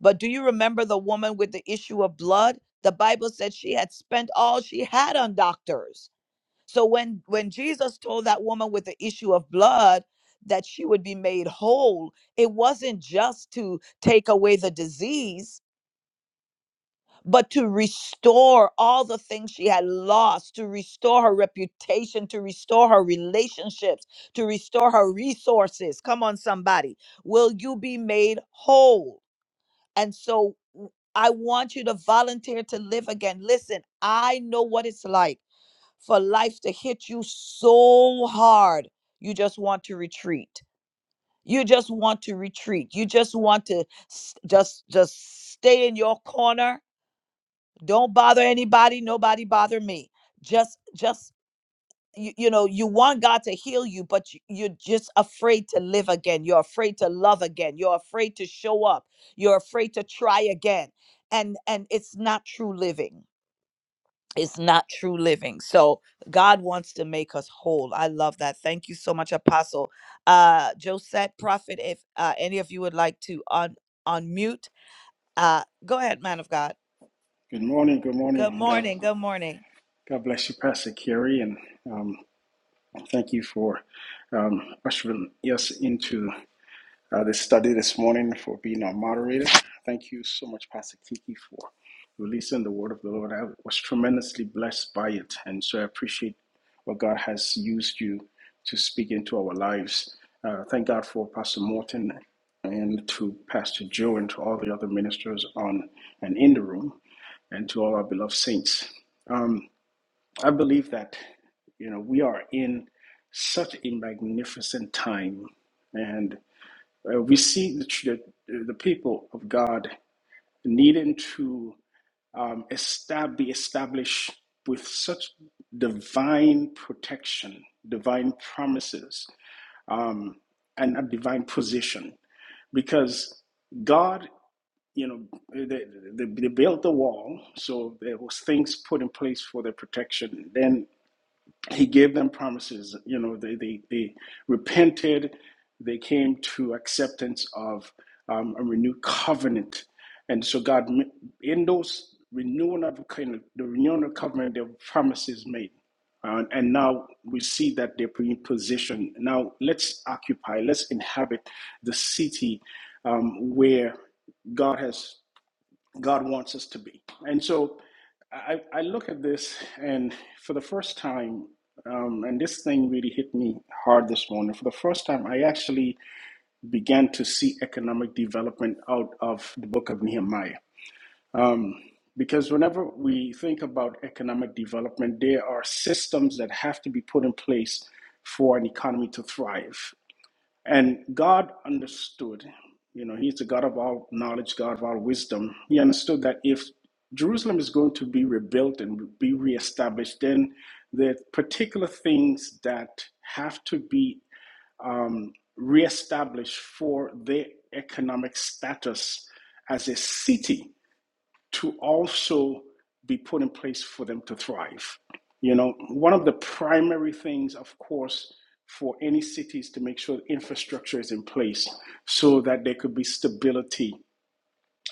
S1: but do you remember the woman with the issue of blood the bible said she had spent all she had on doctors so when when jesus told that woman with the issue of blood that she would be made whole it wasn't just to take away the disease but to restore all the things she had lost, to restore her reputation, to restore her relationships, to restore her resources. Come on, somebody. Will you be made whole? And so w- I want you to volunteer to live again. Listen, I know what it's like for life to hit you so hard, you just want to retreat. You just want to retreat. You just want to s- just just stay in your corner don't bother anybody nobody bother me just just you, you know you want god to heal you but you, you're just afraid to live again you're afraid to love again you're afraid to show up you're afraid to try again and and it's not true living it's not true living so god wants to make us whole i love that thank you so much apostle uh josette prophet if uh, any of you would like to un- unmute uh go ahead man of god
S4: Good morning. Good
S1: good
S4: morning. God,
S1: morning good morning
S4: God bless you, Pastor Kerry, and um, thank you for um, ushering us into uh, this study this morning, for being our moderator. Thank you so much, Pastor Kiki, for releasing the word of the Lord. I was tremendously blessed by it, and so I appreciate what God has used you to speak into our lives. Uh, thank God for Pastor Morton and to Pastor Joe and to all the other ministers on and in the room, and to all our beloved saints. Um, I believe that you know we are in such a magnificent time, and uh, we see the, tr- the, the people of God needing to um, estab- be established with such divine protection, divine promises, um, and a divine position. Because God, you know, they, they, they built the wall, so there was things put in place for their protection. Then he gave them promises you know they they, they repented they came to acceptance of um, a renewed covenant and so god in those renewing of the covenant the renewing of the covenant there were promises made Uh, and now we see that they're in position. now let's occupy let's inhabit the city um, where god has God wants us to be. And so I, I look at this, and for the first time, um, and this thing really hit me hard this morning. For the first time, I actually began to see economic development out of the book of Nehemiah. Um, because whenever we think about economic development, there are systems that have to be put in place for an economy to thrive. And God understood, you know, He's the God of all knowledge, God of all wisdom. He understood that if Jerusalem is going to be rebuilt and be reestablished, then the particular things that have to be um, reestablished for their economic status as a city to also be put in place for them to thrive. You know, one of the primary things, of course, for any city is to make sure infrastructure is in place so that there could be stability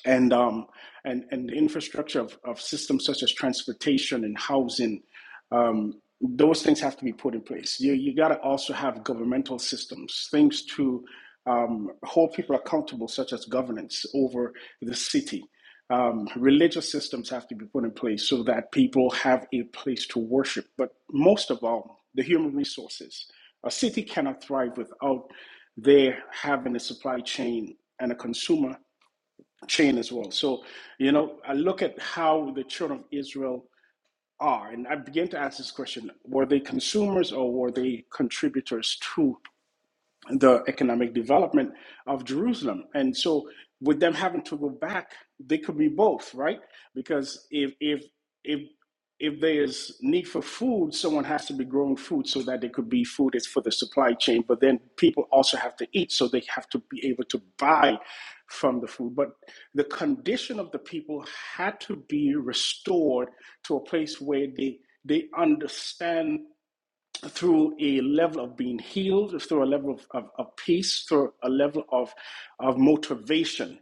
S4: and um, and and the infrastructure of, of systems such as transportation and housing, um, those things have to be put in place. You you got to also have governmental systems, things to um, hold people accountable, such as governance over the city. Um, religious systems have to be put in place so that people have a place to worship. But most of all, the human resources. A city cannot thrive without there having a supply chain and a consumer chain as well. So, you know, I look at how the children of Israel are, and I began to ask this question were they consumers or were they contributors to the economic development of Jerusalem. And so, with them having to go back, they could be both, right? Because if if if if there's need for food, someone has to be growing food so that there could be food is for the supply chain. But then people also have to eat, so they have to be able to buy from the food. But the condition of the people had to be restored to a place where they they understand through a level of being healed, through a level of, of, of peace, through a level of, of motivation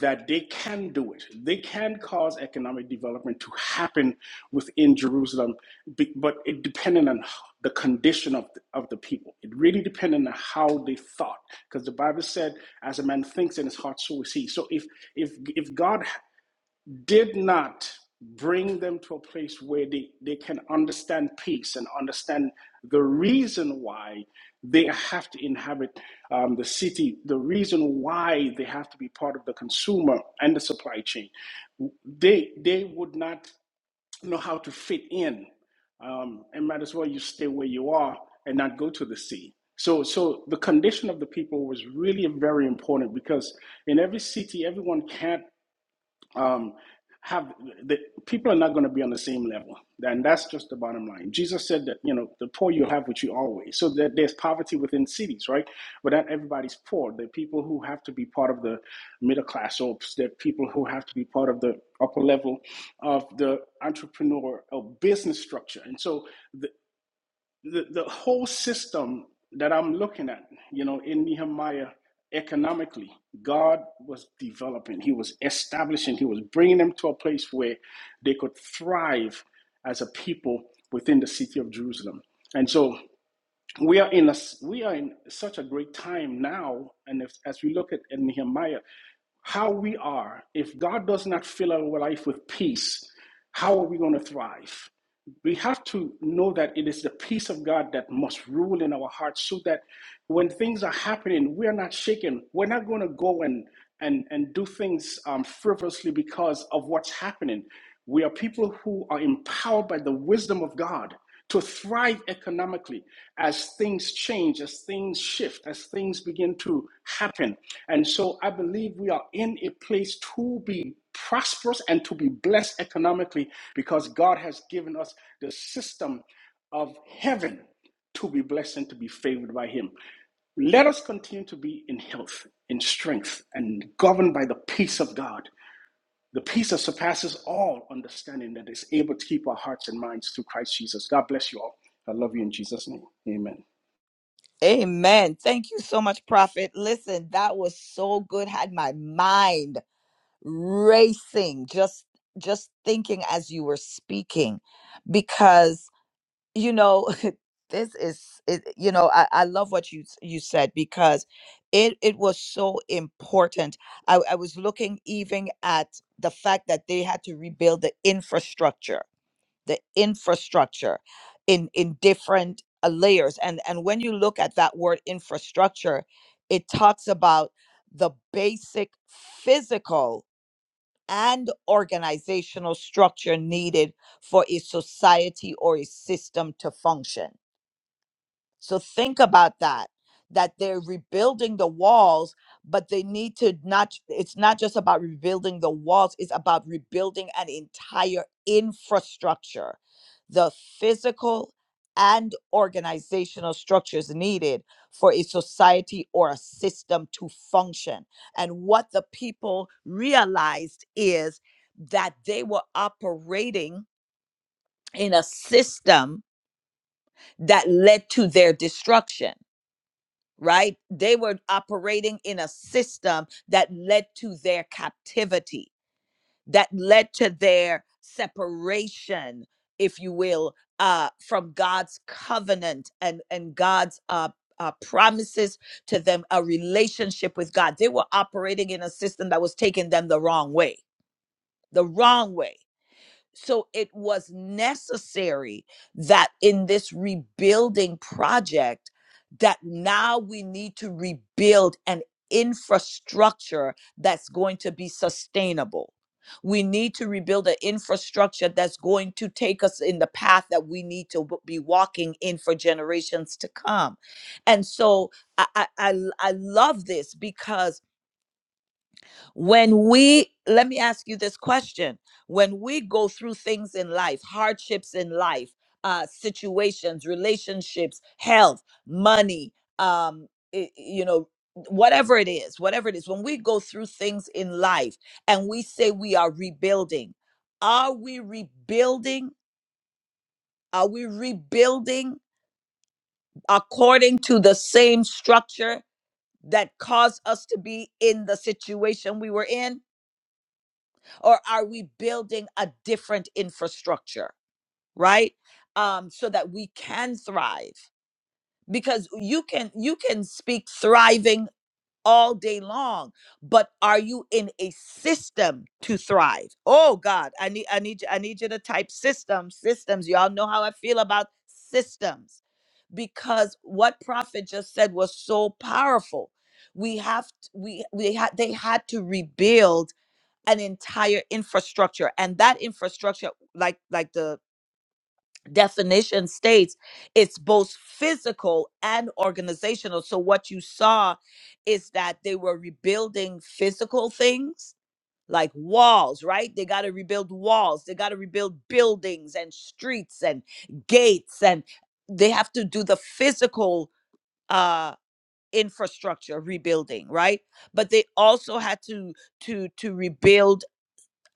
S4: that they can do it. They can cause economic development to happen within Jerusalem, be- but it depended on the condition of the, of the people. It really depended on how they thought, because the Bible said, "As a man thinks in his heart, so is he." So if if if God did not bring them to a place where they, they can understand peace and understand the reason why they have to inhabit um, the city, the reason why they have to be part of the consumer and the supply chain. They, they would not know how to fit in um, and might as well you stay where you are and not go to the sea. So, so the condition of the people was really very important because in every city, everyone can't um, have the people are not going to be on the same level and that's just the bottom line jesus said that you know the poor you'll have with you always so that there's poverty within cities right but not everybody's poor There are people who have to be part of the middle class or there are people who have to be part of the upper level of the entrepreneur or business structure and so the, the, the whole system that I'm looking at, you know, in Nehemiah, economically, God was developing, He was establishing, He was bringing them to a place where they could thrive as a people within the city of Jerusalem. And so we are in a, s- we are in such a great time now, and if, as we look at at Nehemiah, how we are, if God does not fill our life with peace, how are we going to thrive? We have to know that it is the peace of God that must rule in our hearts so that when things are happening, we are not shaken. We're not going to go and, and, and do things um, frivolously because of what's happening. We are people who are empowered by the wisdom of God to thrive economically as things change, as things shift, as things begin to happen. And so I believe we are in a place to be prosperous and to be blessed economically because God has given us the system of heaven to be blessed and to be favored by Him. Let us continue to be in health, in strength, and governed by the peace of God the peace that surpasses all understanding that is able to keep our hearts and minds through Christ Jesus. God bless you all. I love you in Jesus' name. Amen.
S1: Amen. Thank you so much, Prophet. Listen, that was so good. Had my mind racing just just thinking as you were speaking because you know this is it, you know I, I love what you s- you said because it it was so important I, I was looking even at the fact that they had to rebuild the infrastructure the infrastructure in in different uh, layers and and when you look at that word infrastructure it talks about the basic physical and organizational structure needed for a society or a system to function so think about that that they're rebuilding the walls but they need to not it's not just about rebuilding the walls it's about rebuilding an entire infrastructure the physical and organizational structures needed for a society or a system to function and what the people realized is that they were operating in a system that led to their destruction right? They were operating in a system that led to their captivity, that led to their separation, if you will, uh, from God's covenant and and God's uh, uh, promises to them, a relationship with God. They were operating in a system that was taking them the wrong way, the wrong way so it was necessary that in this rebuilding project that now we need to rebuild an infrastructure that's going to be sustainable. We need to rebuild an infrastructure that's going to take us in the path that we need to w- be walking in for generations to come. And so I, I, I, I love this because when we, let me ask you this question. When we go through things in life, hardships in life, uh, situations, relationships, health, money, um, i- you know, whatever it is, whatever it is, when we go through things in life and we say we are rebuilding, are we rebuilding? Are we rebuilding according to the same structure that caused us to be in the situation we were in? or are we building a different infrastructure right um so that we can thrive because you can you can speak thriving all day long but are you in a system to thrive oh god i need i need you- i need you to type systems systems y'all know how i feel about systems because what prophet just said was so powerful we have t- we we had they had to rebuild an entire infrastructure and that infrastructure like like the definition states it's both physical and organizational so what you saw is that they were rebuilding physical things like walls right they got to rebuild walls they got to rebuild buildings and streets and gates and they have to do the physical uh infrastructure rebuilding right but they also had to to to rebuild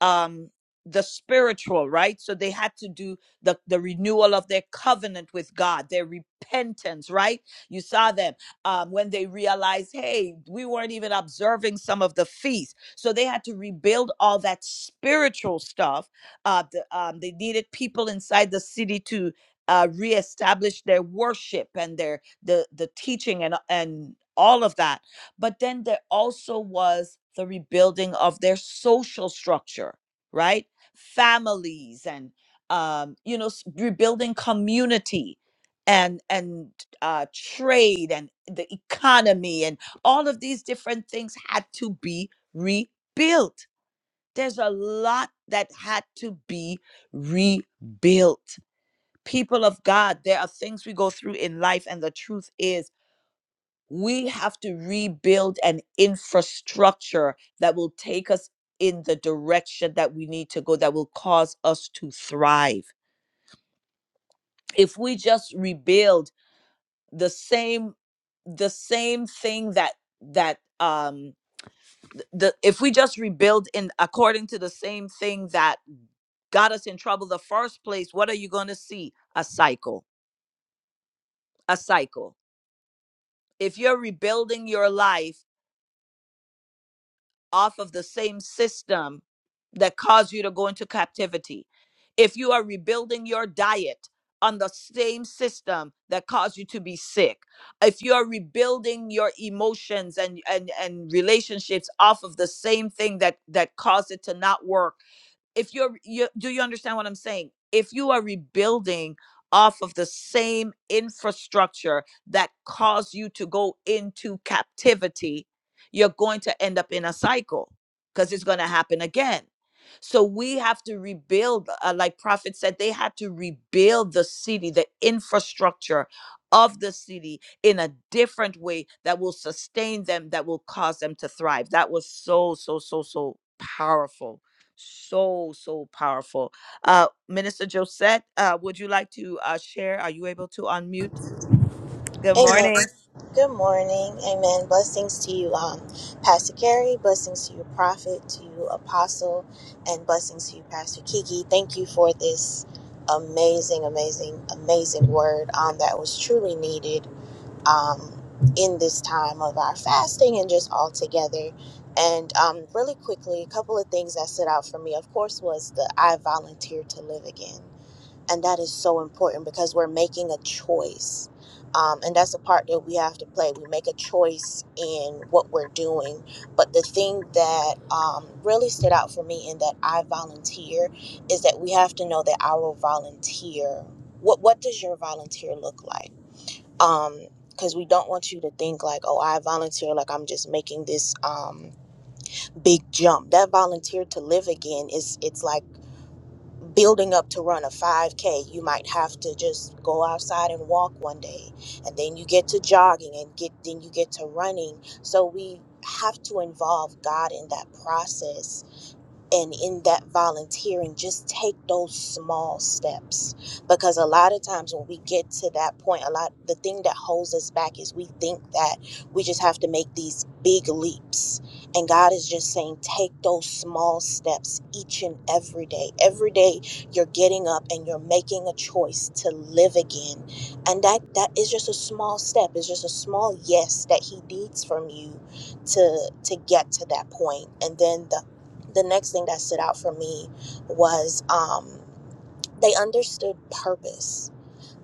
S1: um the spiritual right so they had to do the the renewal of their covenant with god their repentance right you saw them um when they realized hey we weren't even observing some of the feasts so they had to rebuild all that spiritual stuff uh the, um, they needed people inside the city to uh reestablish their worship and their the the teaching and and all of that but then there also was the rebuilding of their social structure, right? Families and um, you know, s- rebuilding community and and uh, trade and the economy and all of these different things had to be rebuilt. There's a lot that had to be rebuilt. People of God, there are things we go through in life, and the truth is we have to rebuild an infrastructure that will take us in the direction that we need to go, that will cause us to thrive. If we just rebuild the same, the same thing that that um th- the if we just rebuild in according to the same thing that got us in trouble the first place what are you going to see a cycle a cycle if you're rebuilding your life off of the same system that caused you to go into captivity. If you are rebuilding your diet on the same system that caused you to be sick, if you are rebuilding your emotions and and and relationships off of the same thing that that caused it to not work if you're you do you understand what i'm saying if you are rebuilding off of the same infrastructure that caused you to go into captivity you're going to end up in a cycle because it's going to happen again so we have to rebuild uh, like prophet said they had to rebuild the city the infrastructure of the city in a different way that will sustain them that will cause them to thrive that was so so so so powerful so, so powerful. Uh, Minister Josette, uh, would you like to uh, share? Are you able to unmute? Good
S5: Amen.
S1: morning.
S5: Good morning. Amen. Blessings to you, um, Pastor Gary. Blessings to you, Prophet, to you, Apostle, and blessings to you, Pastor Kiki. Thank you for this amazing, amazing, amazing word um, that was truly needed um, in this time of our fasting and just all together. And um, really quickly, a couple of things that stood out for me, of course, was the I volunteer to live again and that is so important because we're making a choice um, and that's the part that we have to play we make a choice in what we're doing but the thing that um, really stood out for me in that i volunteer is that we have to know that our volunteer what, what does your volunteer look like Um, because we don't want you to think like oh i volunteer like i'm just making this um, big jump that volunteer to live again is it's like building up to run a 5K, you might have to just go outside and walk one day, and then you get to jogging, and get then you get to running. So we have to involve God in that process and in that volunteering just take those small steps because a lot of times when we get to that point a lot the thing that holds us back is we think that we just have to make these big leaps and god is just saying take those small steps each and every day every day you're getting up and you're making a choice to live again and that that is just a small step it's just a small yes that he needs from you to to get to that point and then the the next thing that stood out for me was um, they understood purpose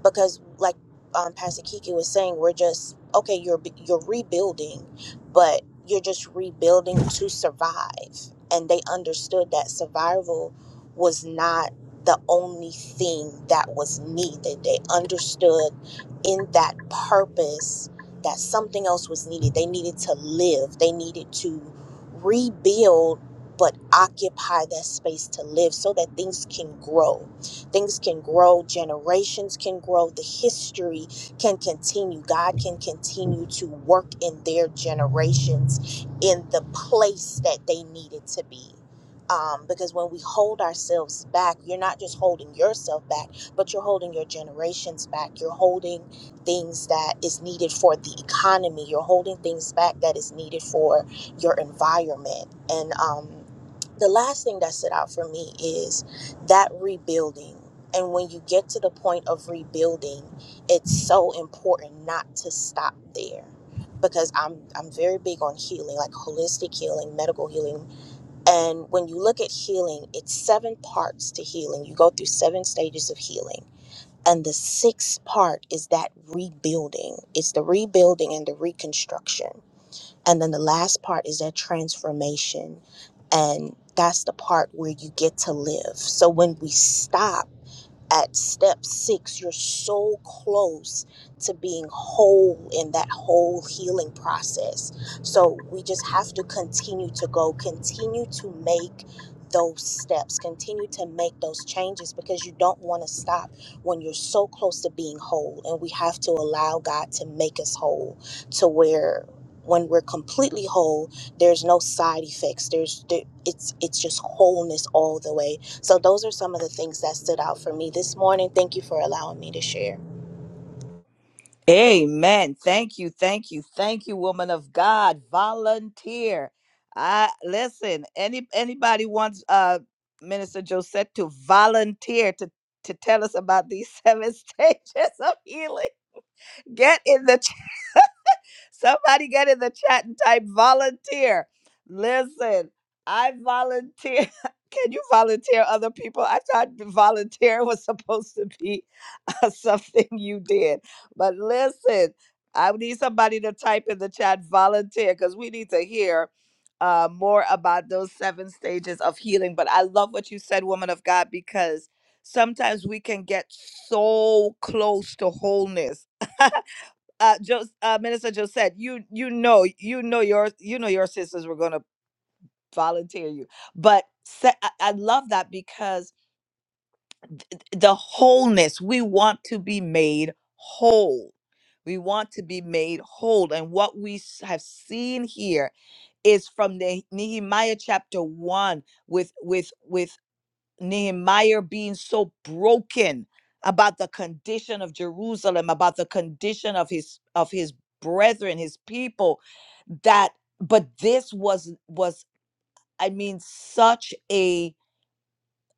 S5: because like um, Pastor Kiki was saying, we're just okay. You're you're rebuilding, but you're just rebuilding to survive. And they understood that survival was not the only thing that was needed. They understood in that purpose that something else was needed. They needed to live. They needed to rebuild, but occupy that space to live so that things can grow Things can grow, generations can grow, the history can continue. God can continue to work in their generations in the place that they needed to be. Um, because when we hold ourselves back, you're not just holding yourself back, but you're holding your generations back. You're holding things that is needed for the economy. You're holding things back that is needed for your environment. And um, the last thing that stood out for me is that rebuilding and when you get to the point of rebuilding it's so important not to stop there because I'm I'm very big on healing like holistic healing medical healing and when you look at healing it's seven parts to healing you go through seven stages of healing and the sixth part is that rebuilding it's the rebuilding and the reconstruction and then the last part is that transformation. And that's the part where you get to live. So when we stop, at step six, you're so close to being whole in that whole healing process. So we just have to continue to go, continue to make those steps, continue to make those changes because you don't want to stop when you're so close to being whole. And we have to allow God to make us whole to where when we're completely whole there's no side effects there's there, it's it's just wholeness all the way so those are some of the things that stood out for me this morning. Thank you for allowing me to share.
S1: Amen. Thank you. Thank you. Thank you, woman of God. Volunteer. I listen, any anybody wants uh Minister Josette to volunteer to to tell us about these seven stages of healing. Get in the Somebody get in the chat and type volunteer. Listen, I volunteer. Can you volunteer other people? I thought volunteer was supposed to be uh, something you did. But listen, I need somebody to type in the chat volunteer because we need to hear uh, more about those seven stages of healing. But I love what you said, woman of God, because sometimes we can get so close to wholeness uh, jo- uh minister Josette, you you know you know your you know your sisters were gonna volunteer you but se- I, I love that because the wholeness we want to be made whole we want to be made whole and what we s- have seen here is from the nehemiah chapter 1 with with with Nehemiah being so broken about the condition of Jerusalem, about the condition of his of his brethren, his people, that but this was was I mean such a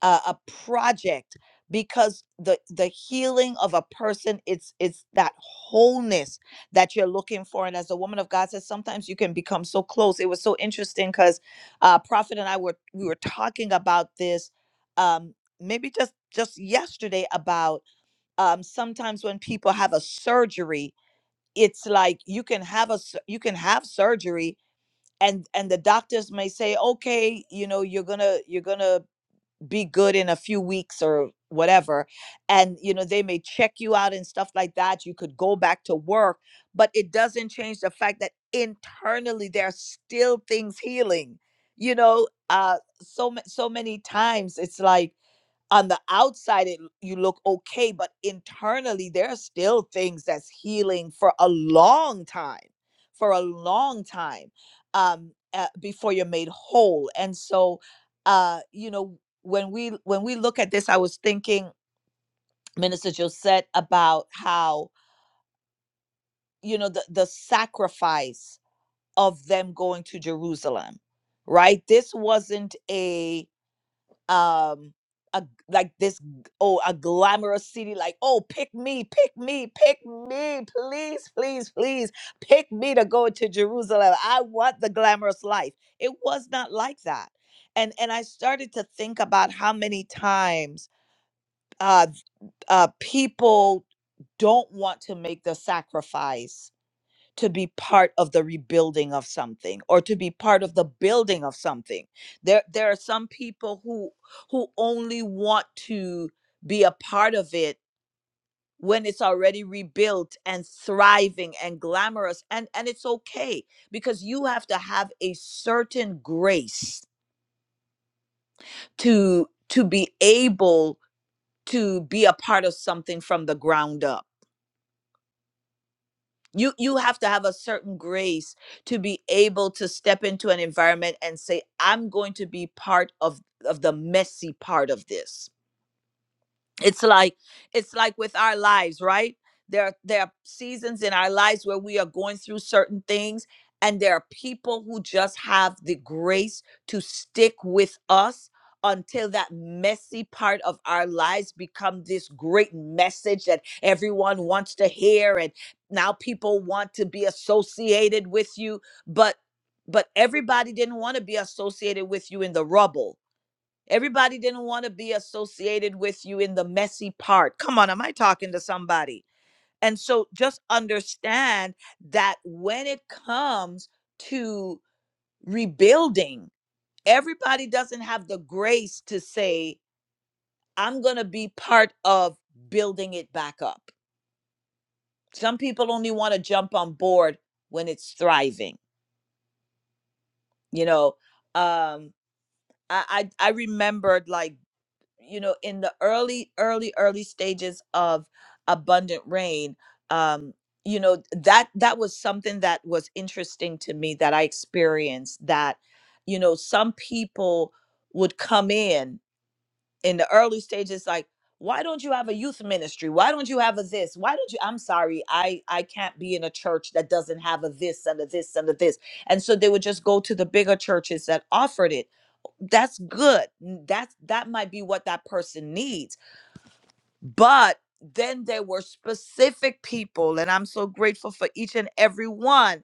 S1: a, a project because the the healing of a person it's it's that wholeness that you're looking for and as a woman of god says sometimes you can become so close it was so interesting because uh prophet and i were we were talking about this um maybe just just yesterday about um sometimes when people have a surgery it's like you can have a s- you can have surgery and and the doctors may say okay you know you're gonna you're gonna be good in a few weeks or whatever and you know they may check you out and stuff like that you could go back to work but it doesn't change the fact that internally there are still things healing you know uh so ma- so many times it's like on the outside it, you look okay but internally there are still things that's healing for a long time for a long time um uh, before you're made whole and so uh you know when we when we look at this i was thinking minister josette about how you know the the sacrifice of them going to jerusalem right this wasn't a um a, g- like this oh a glamorous city like oh pick me pick me pick me please please please pick me to go to jerusalem i want the glamorous life it was not like that and and i started to think about how many times uh uh people don't want to make the sacrifice to be part of the rebuilding of something or to be part of the building of something there there are some people who who only want to be a part of it when it's already rebuilt and thriving and glamorous and and it's okay because you have to have a certain grace to to be able to be a part of something from the ground up you you have to have a certain grace to be able to step into an environment and say i'm going to be part of of the messy part of this it's like it's like with our lives right there are, there are seasons in our lives where we are going through certain things and there are people who just have the grace to stick with us until that messy part of our lives become this great message that everyone wants to hear and now people want to be associated with you but but everybody didn't want to be associated with you in the rubble Everybody didn't want to be associated with you in the messy part. Come on, am I talking to somebody? And so just understand that when it comes to rebuilding, everybody doesn't have the grace to say, I'm going to be part of building it back up. Some people only want to jump on board when it's thriving. You know, um, I, I, I remembered like you know in the early early early stages of abundant rain um you know that that was something that was interesting to me that i experienced that you know some people would come in in the early stages like why don't you have a youth ministry why don't you have a this why don't you i'm sorry i i can't be in a church that doesn't have a this and a this and a this and so they would just go to the bigger churches that offered it that's good N- that's that might be what that person needs but then there were specific people, and I'm so grateful for each and every one.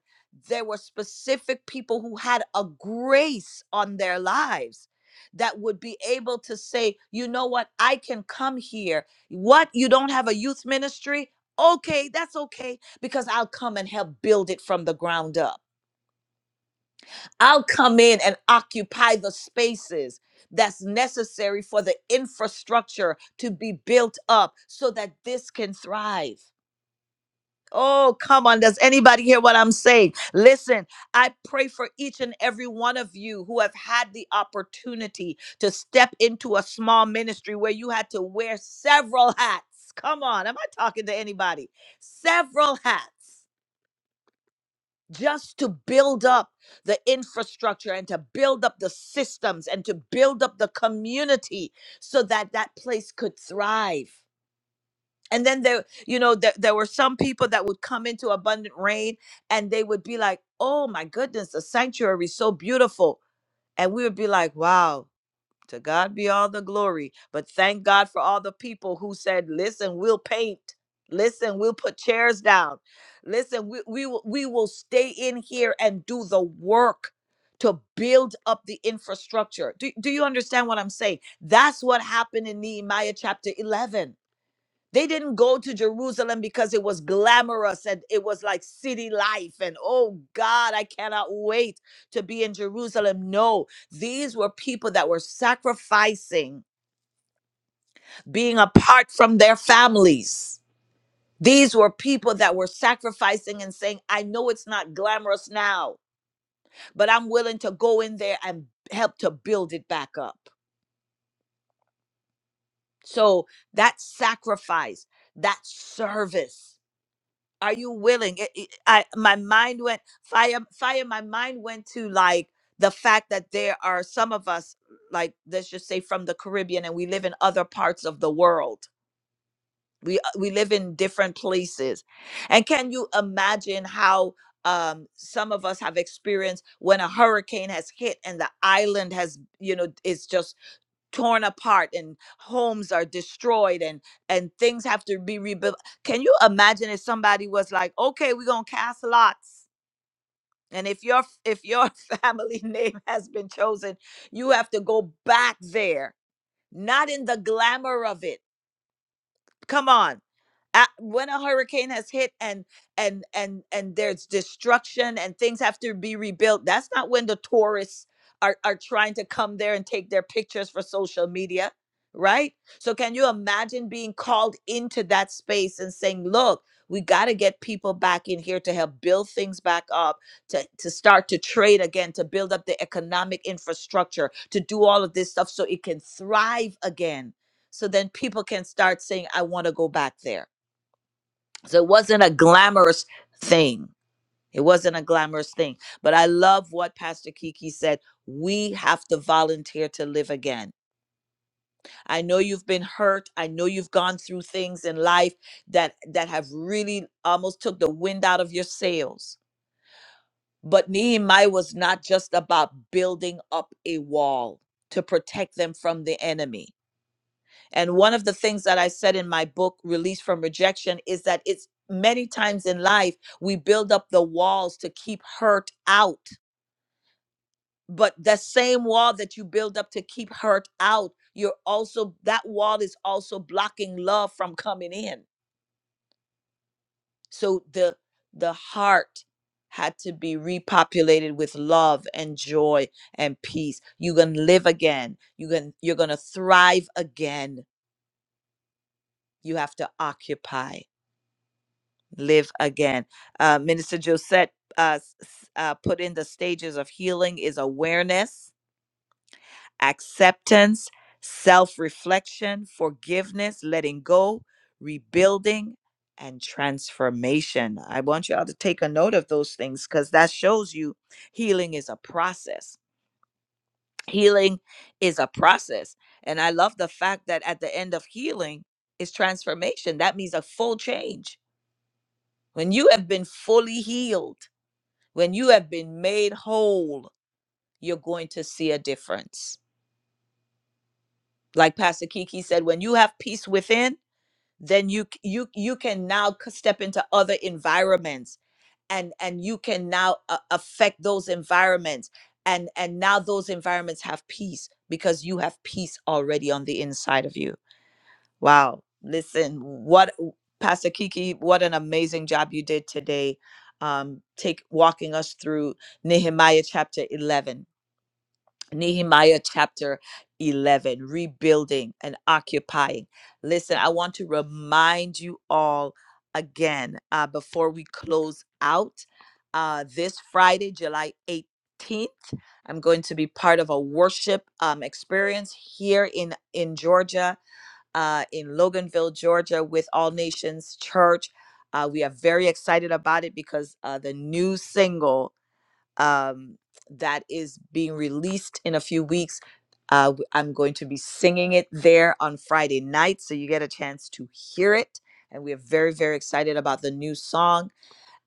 S1: There were specific people who had a grace on their lives that would be able to say, you know what, I can come here. What, you don't have a youth ministry? Okay, that's okay, because I'll come and help build it from the ground up. I'll come in and occupy the spaces that's necessary for the infrastructure to be built up so that this can thrive. Oh, come on. Does anybody hear what I'm saying? Listen, I pray for each and every one of you who have had the opportunity to step into a small ministry where you had to wear several hats. Come on. Am I talking to anybody? Several hats just to build up the infrastructure and to build up the systems and to build up the community so that that place could thrive and then there you know there, there were some people that would come into abundant rain and they would be like oh my goodness the sanctuary is so beautiful and we would be like wow to God be all the glory. But thank God for all the people who said, listen, we'll paint. Listen, we'll put chairs down. Listen, we, we, will- we will stay in here and do the work to build up the infrastructure. Do, do you understand what I'm saying? That's what happened in Nehemiah chapter 11 they didn't go to Jerusalem because it was glamorous and it was like city life. And oh God, I cannot wait to be in Jerusalem. No, these were people that were sacrificing being apart from their families. These were people that were sacrificing and saying, I know it's not glamorous now, but I'm willing to go in there and help to build it back up. So that sacrifice, that service, are you willing it, it- i my mind went fire fire my mind went to like the fact that there are some of us like let's just say from the caribbean and we live in other parts of the world we uh, we live in different places and can you imagine how um, some of us have experienced when a hurricane has hit and the island has you know is just torn apart and homes are destroyed and and things have to be rebuilt can you imagine if somebody was like okay we're gonna cast lots and if your if your family name has been chosen you have to go back there not in the glamour of it come on a- when a hurricane has hit and and and and there's destruction and things have to be rebuilt that's not when the tourists are are trying to come there and take their pictures for social media right so can you imagine being called into that space and saying look we got to get people back in here to help build things back up to, to start to trade again to build up the economic infrastructure to do all of this stuff so it can thrive again so then people can start saying i want to go back there so it wasn't a glamorous thing. It wasn't a glamorous thing. But I love what Pastor Kiki said. We have to volunteer to live again. I know you've been hurt. I know you've gone through things in life that that have really almost took the wind out of your sails. But Nehemiah was not just about building up a wall to protect them from the enemy. And one of the things that I said in my book, Release from Rejection, is that it's many times in life we build up the walls to keep hurt out. But the same wall that you build up to keep hurt out, you're also that wall is also blocking love from coming in. So the the heart had to be repopulated with love and joy and peace. You can live again. You can you're gonna thrive again. You have to occupy. live again. Uh, Minister Josette uh, s- s- uh, put in the stages of healing is awareness, acceptance, self reflection, forgiveness, letting go, rebuilding, and transformation. I want y'all to take a note of those things because that shows you healing is a process. Healing is a process. And I love the fact that at the end of healing is transformation. That means a full change. When you have been fully healed, When you have been made whole, you're going to see a difference. Like Pastor Kiki said, when you have peace within, then you c- you you can now c- step into other environments and and you can now uh, affect those environments and and now those environments have peace because you have peace already on the inside of you. Wow. Listen, what Pastor Kiki, what an amazing job you did today. Um, take walking us through Nehemiah chapter 11 Nehemiah chapter 11, rebuilding and occupying. Listen, I want to remind you all again uh, before we close out uh, this Friday, July 18th. I'm going to be part of a worship um, experience here in, in Georgia, uh, in Loganville, Georgia, with All Nations Church. Uh, we are very excited about it because uh, the new single um, that is being released in a few weeks. Uh, w- I'm going to be singing it there on Friday night, so you get a chance to hear it. And we are very, very excited about the new song.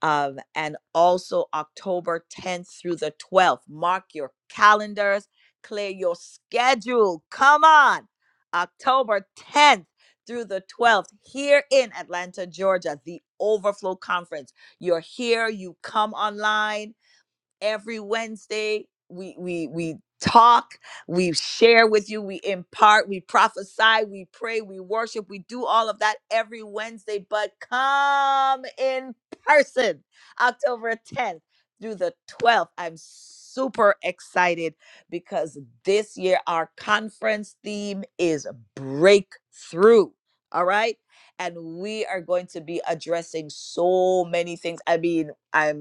S1: Um, and also October 10th through the 12th. Mark your calendars, clear your schedule. Come on. October 10th through the 12th here in Atlanta, Georgia, the Overflow Conference. You're here, you come online every Wednesday. We we we talk, we share with you, we impart, we prophesy, we pray, we worship, we do all of that every Wednesday, but come in person October 10th through the 12th. I'm super excited because this year our conference theme is breakthrough. All right? And we are going to be addressing so many things. I mean, I'm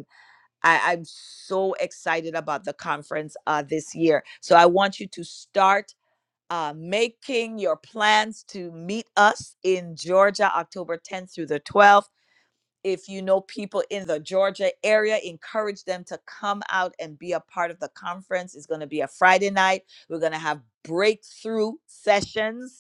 S1: I, I'm so excited about the conference uh, this year. So I want you to start uh, making your plans to meet us in Georgia, October 10th through the 12th. If you know people in the Georgia area, encourage them to come out and be a part of the conference. It's going to be a Friday night. We're going to have breakthrough sessions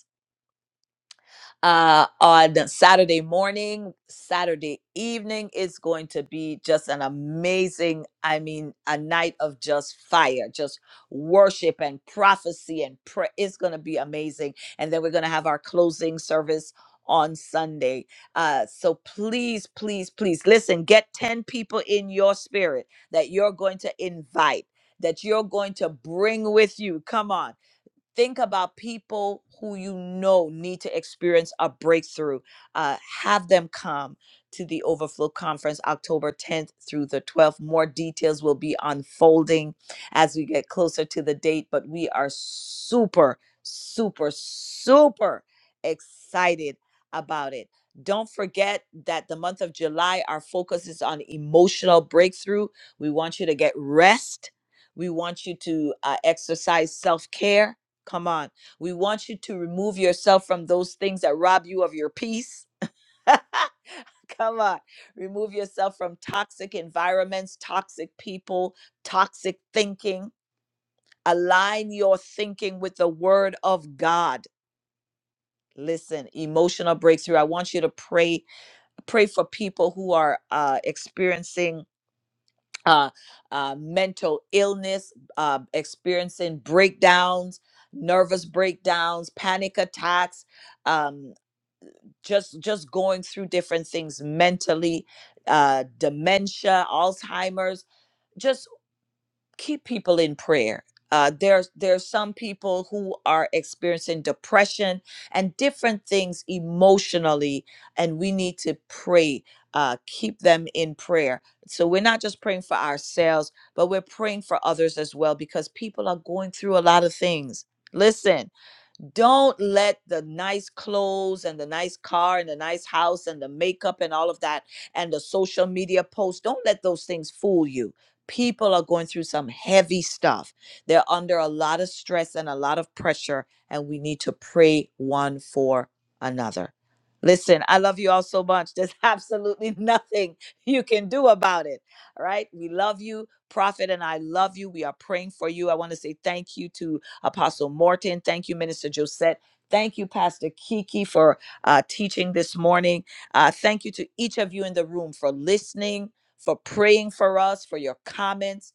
S1: uh, on Saturday morning, Saturday evening. It's going to be just an amazing, I mean, a night of just fire, just worship and prophecy and prayer. It's going to be amazing. And then we're going to have our closing service on Sunday. Uh, so please, please, please listen, get 10 people in your spirit that you're going to invite. That you're going to bring with you. Come on think about people who you know need to experience a breakthrough. Uh, have them come to the Overflow Conference October 10th through the 12th. More details will be unfolding as we get closer to the date, but we are super, super, super excited about it. Don't forget that the month of July, our focus is on emotional breakthrough. We want you to get rest. We want you to uh, exercise self care Come on. We want you to remove yourself from those things that rob you of your peace. Come on. Remove yourself from toxic environments, toxic people, toxic thinking. Align your thinking with the word of God. Listen, emotional breakthrough. I want you to pray pray for people who are uh experiencing uh, uh mental illness, uh experiencing breakdowns, nervous breakdowns, panic attacks, um. just just going through different things mentally uh dementia alzheimer's just keep people in prayer uh there's there's some people who are experiencing depression and different things emotionally and we need to pray uh keep them in prayer so we're not just praying for ourselves but we're praying for others as well because people are going through a lot of things listen don't let the nice clothes and the nice car and the nice house and the makeup and all of that and the social media posts don't let those things fool you people are going through some heavy stuff they're under a lot of stress and a lot of pressure and we need to pray one for another listen i love you all so much there's absolutely nothing you can do about it all right we love you prophet and i love you we are praying for you i want to say thank you to Apostle Morton. Thank you, Minister Josette. Thank you, Pastor Kiki, for uh, teaching this morning. Uh, thank you to each of you in the room for listening, for praying for us, for your comments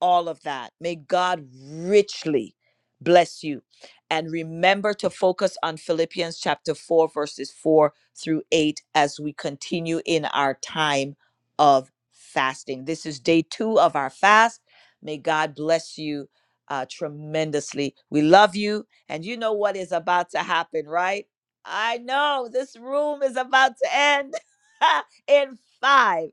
S1: all of that. May God richly bless you. And remember to focus on Philippians chapter 4, verses 4 through 8 as we continue in our time of fasting. This is day two of our fast. May God bless you uh, tremendously. We love you. And you know what is about to happen, right? I know this room is about to end in five,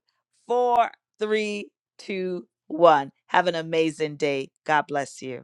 S1: four, three, two, one. Have an amazing day. God bless you.